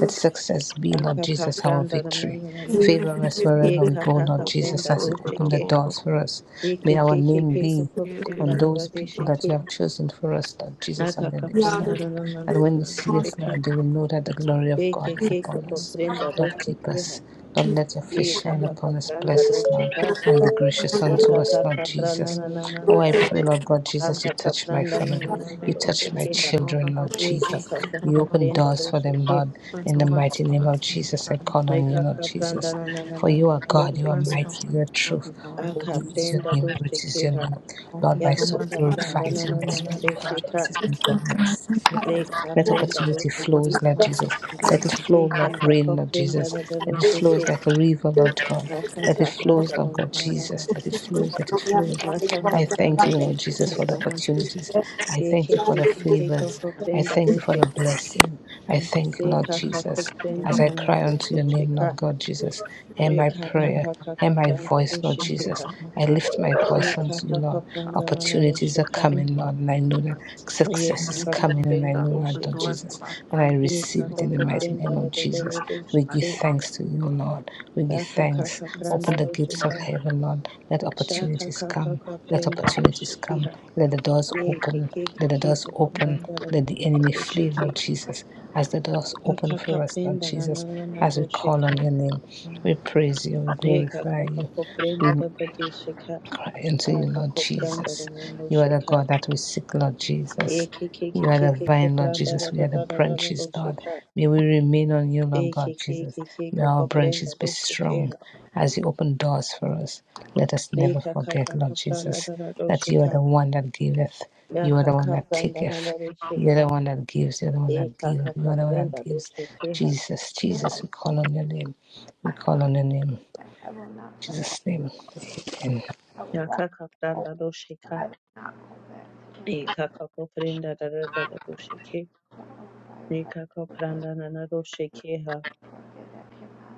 [SPEAKER 7] Let success be,
[SPEAKER 5] Aka
[SPEAKER 7] Lord
[SPEAKER 5] kaka
[SPEAKER 7] Jesus, our
[SPEAKER 5] pranda na na
[SPEAKER 7] victory.
[SPEAKER 5] na na na.
[SPEAKER 2] Lord.
[SPEAKER 7] Favor us
[SPEAKER 5] E
[SPEAKER 7] wherever we
[SPEAKER 5] kaka
[SPEAKER 7] go, Lord
[SPEAKER 5] kaka
[SPEAKER 7] Jesus,
[SPEAKER 5] prenda
[SPEAKER 7] as you
[SPEAKER 5] do
[SPEAKER 7] open the
[SPEAKER 5] shekeka.
[SPEAKER 7] doors for us. May our
[SPEAKER 5] Ekeke
[SPEAKER 7] name
[SPEAKER 5] keke
[SPEAKER 7] be
[SPEAKER 5] kaka
[SPEAKER 7] on
[SPEAKER 5] prenda da da
[SPEAKER 7] those
[SPEAKER 5] de
[SPEAKER 7] people that you have chosen for us, Lord Jesus, on
[SPEAKER 5] Aka
[SPEAKER 7] their
[SPEAKER 5] kaka
[SPEAKER 7] lips,
[SPEAKER 2] Yeah, the
[SPEAKER 5] pranda
[SPEAKER 7] Lord.
[SPEAKER 5] na na na na
[SPEAKER 7] And
[SPEAKER 5] na
[SPEAKER 7] when they
[SPEAKER 5] na do
[SPEAKER 7] see us,
[SPEAKER 5] sheka.
[SPEAKER 7] Lord, they will know that the glory of God is
[SPEAKER 5] Ekeke
[SPEAKER 7] upon
[SPEAKER 5] kaka
[SPEAKER 7] us.
[SPEAKER 5] prenda do
[SPEAKER 7] Lord, keep
[SPEAKER 5] shekeka.
[SPEAKER 7] us. Lord, let your face
[SPEAKER 5] Eka
[SPEAKER 7] shine
[SPEAKER 5] kaka
[SPEAKER 7] upon us.
[SPEAKER 5] pranda
[SPEAKER 7] Bless us, Lord,
[SPEAKER 5] dosheka.
[SPEAKER 7] and be gracious unto
[SPEAKER 5] Eka
[SPEAKER 7] us, Lord
[SPEAKER 5] kaka prana
[SPEAKER 7] Jesus.
[SPEAKER 5] na na na
[SPEAKER 7] Oh,
[SPEAKER 5] na
[SPEAKER 7] I
[SPEAKER 5] na.
[SPEAKER 7] pray, Lord God Jesus, you
[SPEAKER 5] Aka kaka
[SPEAKER 7] touch my
[SPEAKER 5] pranda na
[SPEAKER 7] family.
[SPEAKER 5] na na
[SPEAKER 7] You
[SPEAKER 5] na
[SPEAKER 7] touch my
[SPEAKER 5] doshekeka.
[SPEAKER 7] children, Lord
[SPEAKER 5] Eka
[SPEAKER 7] Jesus.
[SPEAKER 5] kaka
[SPEAKER 7] You
[SPEAKER 5] kaka
[SPEAKER 7] open
[SPEAKER 5] prenda
[SPEAKER 7] doors for them,
[SPEAKER 5] dosheke.
[SPEAKER 7] Lord. In the mighty name of Jesus, I call on you,
[SPEAKER 5] Eka
[SPEAKER 7] Lord
[SPEAKER 5] kaka pranda
[SPEAKER 7] Jesus.
[SPEAKER 5] na na na
[SPEAKER 7] For
[SPEAKER 5] na na
[SPEAKER 7] you are
[SPEAKER 5] na
[SPEAKER 7] God, you are
[SPEAKER 5] doshekeka.
[SPEAKER 7] mighty, you are
[SPEAKER 3] Lord,
[SPEAKER 7] truth.
[SPEAKER 3] for
[SPEAKER 7] Holy
[SPEAKER 5] Aka
[SPEAKER 7] is
[SPEAKER 3] Jesus'
[SPEAKER 7] your
[SPEAKER 5] prenda
[SPEAKER 7] name,
[SPEAKER 3] name.
[SPEAKER 7] great is your
[SPEAKER 5] doshekeka.
[SPEAKER 7] name. Lord,
[SPEAKER 3] Open
[SPEAKER 7] my
[SPEAKER 5] Ya
[SPEAKER 7] soul
[SPEAKER 3] doors
[SPEAKER 5] kaka
[SPEAKER 3] from the
[SPEAKER 5] pranda
[SPEAKER 7] glorifies
[SPEAKER 5] na
[SPEAKER 7] you,
[SPEAKER 5] na
[SPEAKER 7] my
[SPEAKER 5] na
[SPEAKER 3] family,
[SPEAKER 5] na
[SPEAKER 3] Lord
[SPEAKER 7] spirit
[SPEAKER 3] God. and
[SPEAKER 5] dosheka.
[SPEAKER 3] keep
[SPEAKER 7] rejoices in God, my Savior.
[SPEAKER 3] us
[SPEAKER 5] Eka
[SPEAKER 7] Let
[SPEAKER 3] in the
[SPEAKER 5] prenda
[SPEAKER 7] opportunity
[SPEAKER 3] people. Open
[SPEAKER 7] flows,
[SPEAKER 5] doshekeka.
[SPEAKER 7] Lord
[SPEAKER 3] doors of
[SPEAKER 7] Jesus.
[SPEAKER 3] the
[SPEAKER 7] Let
[SPEAKER 3] new
[SPEAKER 7] it
[SPEAKER 3] of the
[SPEAKER 7] flow like
[SPEAKER 5] Eka
[SPEAKER 3] new.
[SPEAKER 7] rain,
[SPEAKER 5] kaka
[SPEAKER 7] Lord
[SPEAKER 5] prenda
[SPEAKER 7] Jesus.
[SPEAKER 5] na na
[SPEAKER 7] Let it
[SPEAKER 3] Open doors
[SPEAKER 7] flows
[SPEAKER 5] dosheke.
[SPEAKER 7] like a river, Lord God.
[SPEAKER 5] Aka
[SPEAKER 7] Let it
[SPEAKER 5] kaka
[SPEAKER 3] of the
[SPEAKER 7] flows,
[SPEAKER 5] pranda na
[SPEAKER 7] Lord
[SPEAKER 5] na
[SPEAKER 7] God
[SPEAKER 3] God
[SPEAKER 5] na na
[SPEAKER 3] and
[SPEAKER 7] Jesus.
[SPEAKER 5] na.
[SPEAKER 7] Let it
[SPEAKER 3] system.
[SPEAKER 7] flows, let it flows.
[SPEAKER 5] Aka kaka
[SPEAKER 7] I thank
[SPEAKER 5] pranda
[SPEAKER 7] you, Lord Jesus,
[SPEAKER 3] Open
[SPEAKER 7] for the
[SPEAKER 5] doshekeka.
[SPEAKER 3] doors of
[SPEAKER 7] opportunities. I thank
[SPEAKER 5] Yeke
[SPEAKER 7] you for the
[SPEAKER 3] the new
[SPEAKER 5] keke
[SPEAKER 3] Lord
[SPEAKER 5] keko
[SPEAKER 7] favors.
[SPEAKER 3] God. and keep
[SPEAKER 7] I
[SPEAKER 5] koprenda
[SPEAKER 7] thank you for
[SPEAKER 5] doce
[SPEAKER 7] the
[SPEAKER 5] ke
[SPEAKER 3] us
[SPEAKER 7] blessing. I
[SPEAKER 3] in the
[SPEAKER 7] thank you,
[SPEAKER 3] God and
[SPEAKER 7] Lord
[SPEAKER 5] Yeka ka
[SPEAKER 7] Jesus,
[SPEAKER 5] koprenda
[SPEAKER 7] as I cry
[SPEAKER 5] hanana
[SPEAKER 7] unto your
[SPEAKER 5] doce
[SPEAKER 7] name,
[SPEAKER 5] ka
[SPEAKER 7] Lord God Jesus. Hear my
[SPEAKER 5] Yeka ka,
[SPEAKER 7] prayer.
[SPEAKER 5] ka ka
[SPEAKER 7] Hear
[SPEAKER 5] ka
[SPEAKER 7] my voice, Lord
[SPEAKER 3] the new Lord
[SPEAKER 7] Jesus. I
[SPEAKER 3] God.
[SPEAKER 7] lift my voice unto you, Lord. Opportunities are
[SPEAKER 3] Thank
[SPEAKER 7] coming,
[SPEAKER 3] you. Lord
[SPEAKER 7] Lord, and I know that
[SPEAKER 3] God, Lord God, Lord God. Thank you. Lord God, and keep us in
[SPEAKER 7] success
[SPEAKER 3] the
[SPEAKER 7] is
[SPEAKER 3] Lord
[SPEAKER 7] coming, and I
[SPEAKER 5] Yekekekekekekokopenda
[SPEAKER 3] God.
[SPEAKER 7] know that,
[SPEAKER 3] Open
[SPEAKER 7] Lord
[SPEAKER 5] dosheke.
[SPEAKER 3] doors to
[SPEAKER 7] Jesus.
[SPEAKER 3] our
[SPEAKER 7] and I. I
[SPEAKER 3] finances,
[SPEAKER 7] receive it in
[SPEAKER 3] Lord
[SPEAKER 7] the
[SPEAKER 3] God.
[SPEAKER 7] mighty
[SPEAKER 5] Yekakakopenda ha,
[SPEAKER 7] name of Jesus. We give
[SPEAKER 5] dosheka.
[SPEAKER 7] thanks to you, Lord. We give thanks.
[SPEAKER 5] Yekakakakakapanda
[SPEAKER 3] Finances.
[SPEAKER 7] Open the gates of
[SPEAKER 5] doshekeha. Yekakakapanda nana
[SPEAKER 7] heaven, Lord.
[SPEAKER 5] dosheka. Yekakakopenda
[SPEAKER 7] Let
[SPEAKER 5] dosheke. da da dosheke. Yakakakapanda dosheka. Shakakakakapenda doshekeha. Yekekekekekokopanda dodododo dosheke. Yakakapenda nananana ka. Sha ka
[SPEAKER 7] opportunities
[SPEAKER 5] ka ka
[SPEAKER 7] come.
[SPEAKER 5] ka
[SPEAKER 7] Let
[SPEAKER 5] prenda
[SPEAKER 7] opportunities
[SPEAKER 5] doce ki
[SPEAKER 7] come.
[SPEAKER 5] ha.
[SPEAKER 7] Let the doors
[SPEAKER 5] Yeke
[SPEAKER 7] open.
[SPEAKER 5] keke
[SPEAKER 7] Let the doors
[SPEAKER 5] keko to
[SPEAKER 7] open.
[SPEAKER 5] prenda da
[SPEAKER 7] Let
[SPEAKER 5] da
[SPEAKER 7] the
[SPEAKER 5] da
[SPEAKER 7] enemy
[SPEAKER 5] doce
[SPEAKER 7] flee, Lord
[SPEAKER 5] ke.
[SPEAKER 7] Jesus. As the doors
[SPEAKER 5] Ya
[SPEAKER 7] open
[SPEAKER 5] ka ka
[SPEAKER 7] for us, Lord
[SPEAKER 5] prenda nana
[SPEAKER 7] Jesus,
[SPEAKER 5] nana
[SPEAKER 7] as we
[SPEAKER 5] doce
[SPEAKER 7] call
[SPEAKER 5] ka.
[SPEAKER 7] on your name, we
[SPEAKER 3] Amen.
[SPEAKER 7] praise you, we
[SPEAKER 5] Eka
[SPEAKER 7] glorify
[SPEAKER 5] kaka
[SPEAKER 7] you.
[SPEAKER 5] koprenda
[SPEAKER 7] We
[SPEAKER 5] rabadi sheka
[SPEAKER 7] crying to you,
[SPEAKER 5] aka
[SPEAKER 7] Lord
[SPEAKER 5] kopranda
[SPEAKER 7] Jesus.
[SPEAKER 5] rano
[SPEAKER 7] You are the
[SPEAKER 5] sheka
[SPEAKER 7] God that we seek, Lord Jesus.
[SPEAKER 5] eke
[SPEAKER 7] You
[SPEAKER 5] keke
[SPEAKER 7] are the
[SPEAKER 5] keke ke
[SPEAKER 7] vine, Lord
[SPEAKER 5] pranda
[SPEAKER 7] Jesus. We are the branches,
[SPEAKER 5] rano
[SPEAKER 7] Lord.
[SPEAKER 5] sheka
[SPEAKER 7] May we remain on you, Lord God
[SPEAKER 5] eke keke
[SPEAKER 7] Jesus.
[SPEAKER 5] keke
[SPEAKER 7] May our branches
[SPEAKER 5] koprenda
[SPEAKER 7] be
[SPEAKER 5] ro
[SPEAKER 7] strong
[SPEAKER 5] sheka
[SPEAKER 7] as you open doors for us. Let us never
[SPEAKER 5] eka
[SPEAKER 7] forget,
[SPEAKER 5] kaka
[SPEAKER 7] Lord
[SPEAKER 5] kopranda
[SPEAKER 7] Jesus,
[SPEAKER 5] rano
[SPEAKER 7] that you are
[SPEAKER 5] sheka
[SPEAKER 7] the one that giveth.
[SPEAKER 5] ya
[SPEAKER 7] You are the one
[SPEAKER 5] kaka
[SPEAKER 7] that
[SPEAKER 5] pranda
[SPEAKER 7] taketh.
[SPEAKER 5] rano
[SPEAKER 7] You are the
[SPEAKER 5] sheka
[SPEAKER 7] one that gives. You are the one that
[SPEAKER 5] eka
[SPEAKER 7] gives. You
[SPEAKER 5] kaka
[SPEAKER 7] are the one that
[SPEAKER 5] pranda ro
[SPEAKER 7] gives.
[SPEAKER 5] sheka
[SPEAKER 7] Jesus, Jesus, we call on your name. We call on your name. In
[SPEAKER 4] I will not turn.
[SPEAKER 7] Jesus' name. Amen.
[SPEAKER 4] I will
[SPEAKER 5] ya
[SPEAKER 4] walk.
[SPEAKER 5] kaka pranda ro sheka
[SPEAKER 4] I will not go back to that. place
[SPEAKER 5] eka kaka koprenda rano sheka
[SPEAKER 4] where I will fire. I
[SPEAKER 5] eka kopranda rano sheka
[SPEAKER 4] will forget that cannot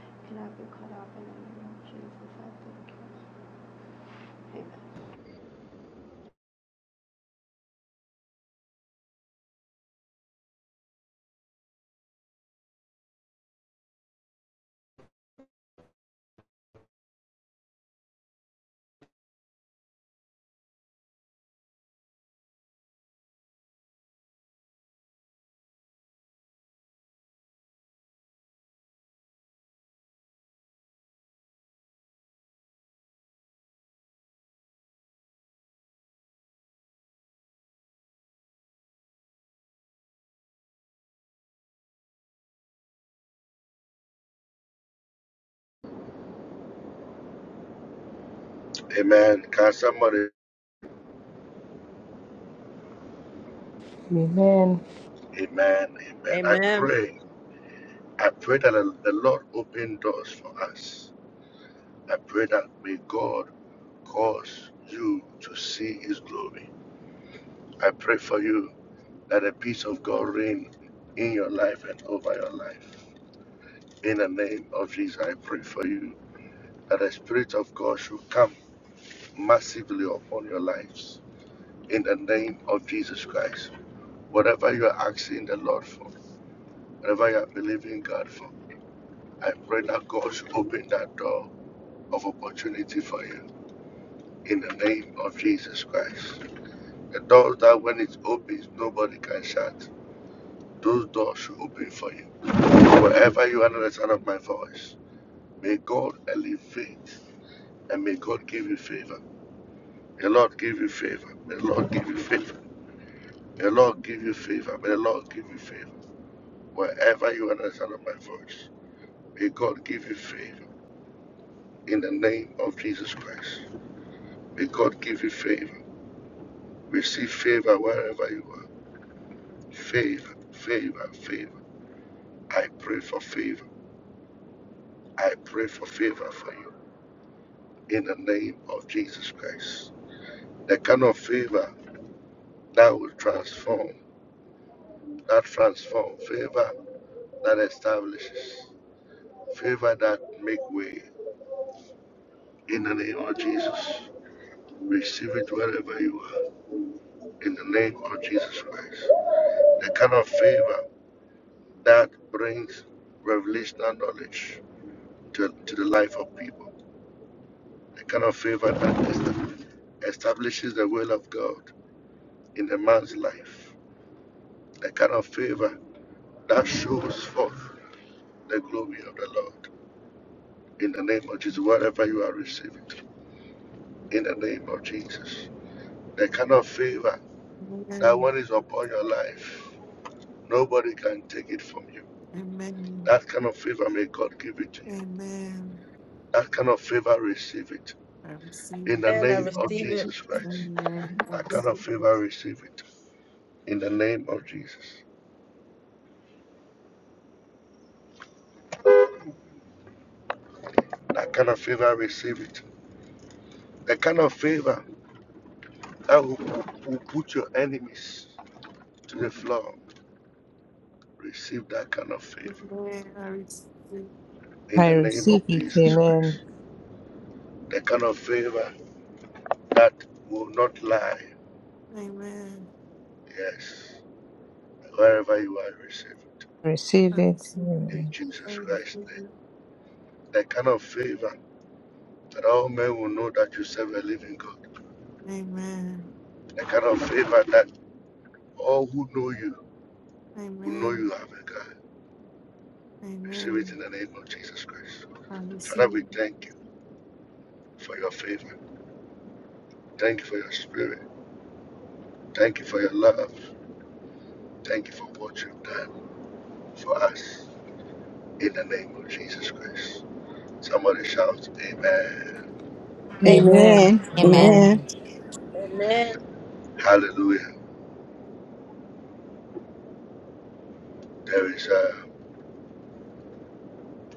[SPEAKER 4] be, cannot be cut off in the name of Jesus. I thank you. Amen
[SPEAKER 6] it. Amen. Can somebody?
[SPEAKER 7] Amen.
[SPEAKER 6] Amen. Amen. I
[SPEAKER 5] Amen.
[SPEAKER 6] pray. I pray that the the Lord open doors for us. I pray that may God cause you to see his glory. I pray for you that the peace of God reign in your life and over your life. In the name of Jesus, I pray for you that the Spirit of God should come massively upon your lives. In the name of Jesus Christ, whatever you are asking the Lord for, whatever you are believing God for, I pray that God should open that door of opportunity for you. In the name of Jesus Christ, the door that when it opens, nobody can shut. Those doors should open for you. Wherever you are under the sound of my voice, may God elevate and may God give you favor. May The Lord give you favor. May The Lord give you favor. May The Lord give you favor. May the Lord give you favor. Wherever you are under the sound of my voice, may God give you favor in the name of Jesus Christ. May God give you favor. Receive favor wherever you are. Favor, favor, favor. I pray for favor. I pray for favor for you in the name of Jesus Christ. The kind of favor that will transform, that transform, favor that establishes, favor that make way In the name of Jesus, receive it wherever you are. In the name of Jesus Christ. The kind of favor that brings revelational knowledge to, to the life of people. The kind of favor that establishes the will of God in a man's life. The kind of favor that shows forth the glory of the Lord. In the name of Jesus, wherever you are, receive it. In the name of Jesus. The kind of favor that one is upon your life, nobody can take it from you
[SPEAKER 3] Amen.
[SPEAKER 6] That kind of favor, may God give it to you.
[SPEAKER 3] Amen.
[SPEAKER 6] That kind of favor, receive it.
[SPEAKER 3] I receive
[SPEAKER 6] In the
[SPEAKER 5] And I
[SPEAKER 6] name of
[SPEAKER 5] receive it.
[SPEAKER 3] it.
[SPEAKER 6] Jesus Christ.
[SPEAKER 3] Amen. I
[SPEAKER 6] That kind of
[SPEAKER 3] receive it.
[SPEAKER 6] favor, receive it. In the name of Jesus. That kind of favor, receive it. The kind of favor that will, will put your enemies to the floor. Receive that kind of favor.
[SPEAKER 3] Amen. I receive it.
[SPEAKER 6] In
[SPEAKER 7] I
[SPEAKER 6] the name
[SPEAKER 7] receive
[SPEAKER 6] of
[SPEAKER 7] it.
[SPEAKER 6] Jesus
[SPEAKER 7] Amen.
[SPEAKER 6] Christ. The kind of favor that will not lie.
[SPEAKER 3] Amen.
[SPEAKER 6] Yes. Wherever you are, receive it.
[SPEAKER 3] I
[SPEAKER 7] Receive it.
[SPEAKER 3] receive it.
[SPEAKER 6] In
[SPEAKER 7] Amen.
[SPEAKER 3] I
[SPEAKER 6] Jesus
[SPEAKER 3] receive
[SPEAKER 6] Christ. name.
[SPEAKER 3] it.
[SPEAKER 6] The kind of favor that all men will know that you serve a living God.
[SPEAKER 3] Amen.
[SPEAKER 6] The kind of favor that all who know you will know you
[SPEAKER 3] Amen.
[SPEAKER 6] have a God. Receive it in
[SPEAKER 3] Amen.
[SPEAKER 6] the name of Jesus Christ.
[SPEAKER 3] I
[SPEAKER 6] Father,
[SPEAKER 3] receive
[SPEAKER 6] we
[SPEAKER 3] it.
[SPEAKER 6] thank you for your favor. Thank you for your spirit. Thank you for your love. Thank you for what you've done for us in the name of Jesus Christ. Somebody shout, Amen.
[SPEAKER 7] Amen.
[SPEAKER 8] Amen.
[SPEAKER 7] Amen.
[SPEAKER 8] Amen.
[SPEAKER 1] Amen.
[SPEAKER 5] Amen.
[SPEAKER 6] Hallelujah. There is, uh,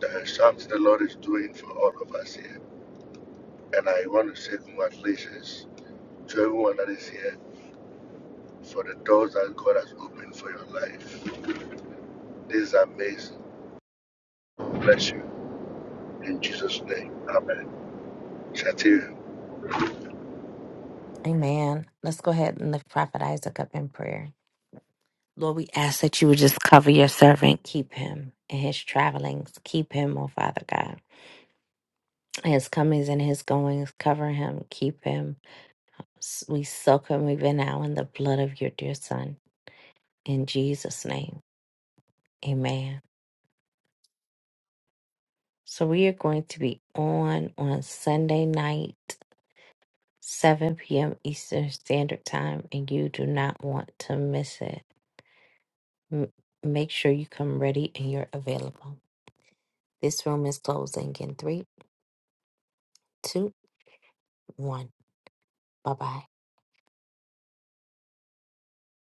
[SPEAKER 6] there is something the Lord is doing for all of us here. And I want to say congratulations to everyone that is here for the doors that God has opened for your life. This is amazing. Bless you. In Jesus' name. Amen. Shall I you?
[SPEAKER 1] Amen. Let's go ahead and lift Prophet Isaac up in prayer. Lord, we ask that you would just cover your servant, keep him in his travelings, keep him, oh Father God. His comings and his goings, cover him, keep him. S- We soak him even now in the blood of your dear Son. In Jesus' name. Amen. So we are going to be on on Sunday night, 7 p.m. Eastern Standard Time, and you do not want to miss it. M- make sure you come ready and you're available. This room is closing in three, two, one. Bye bye.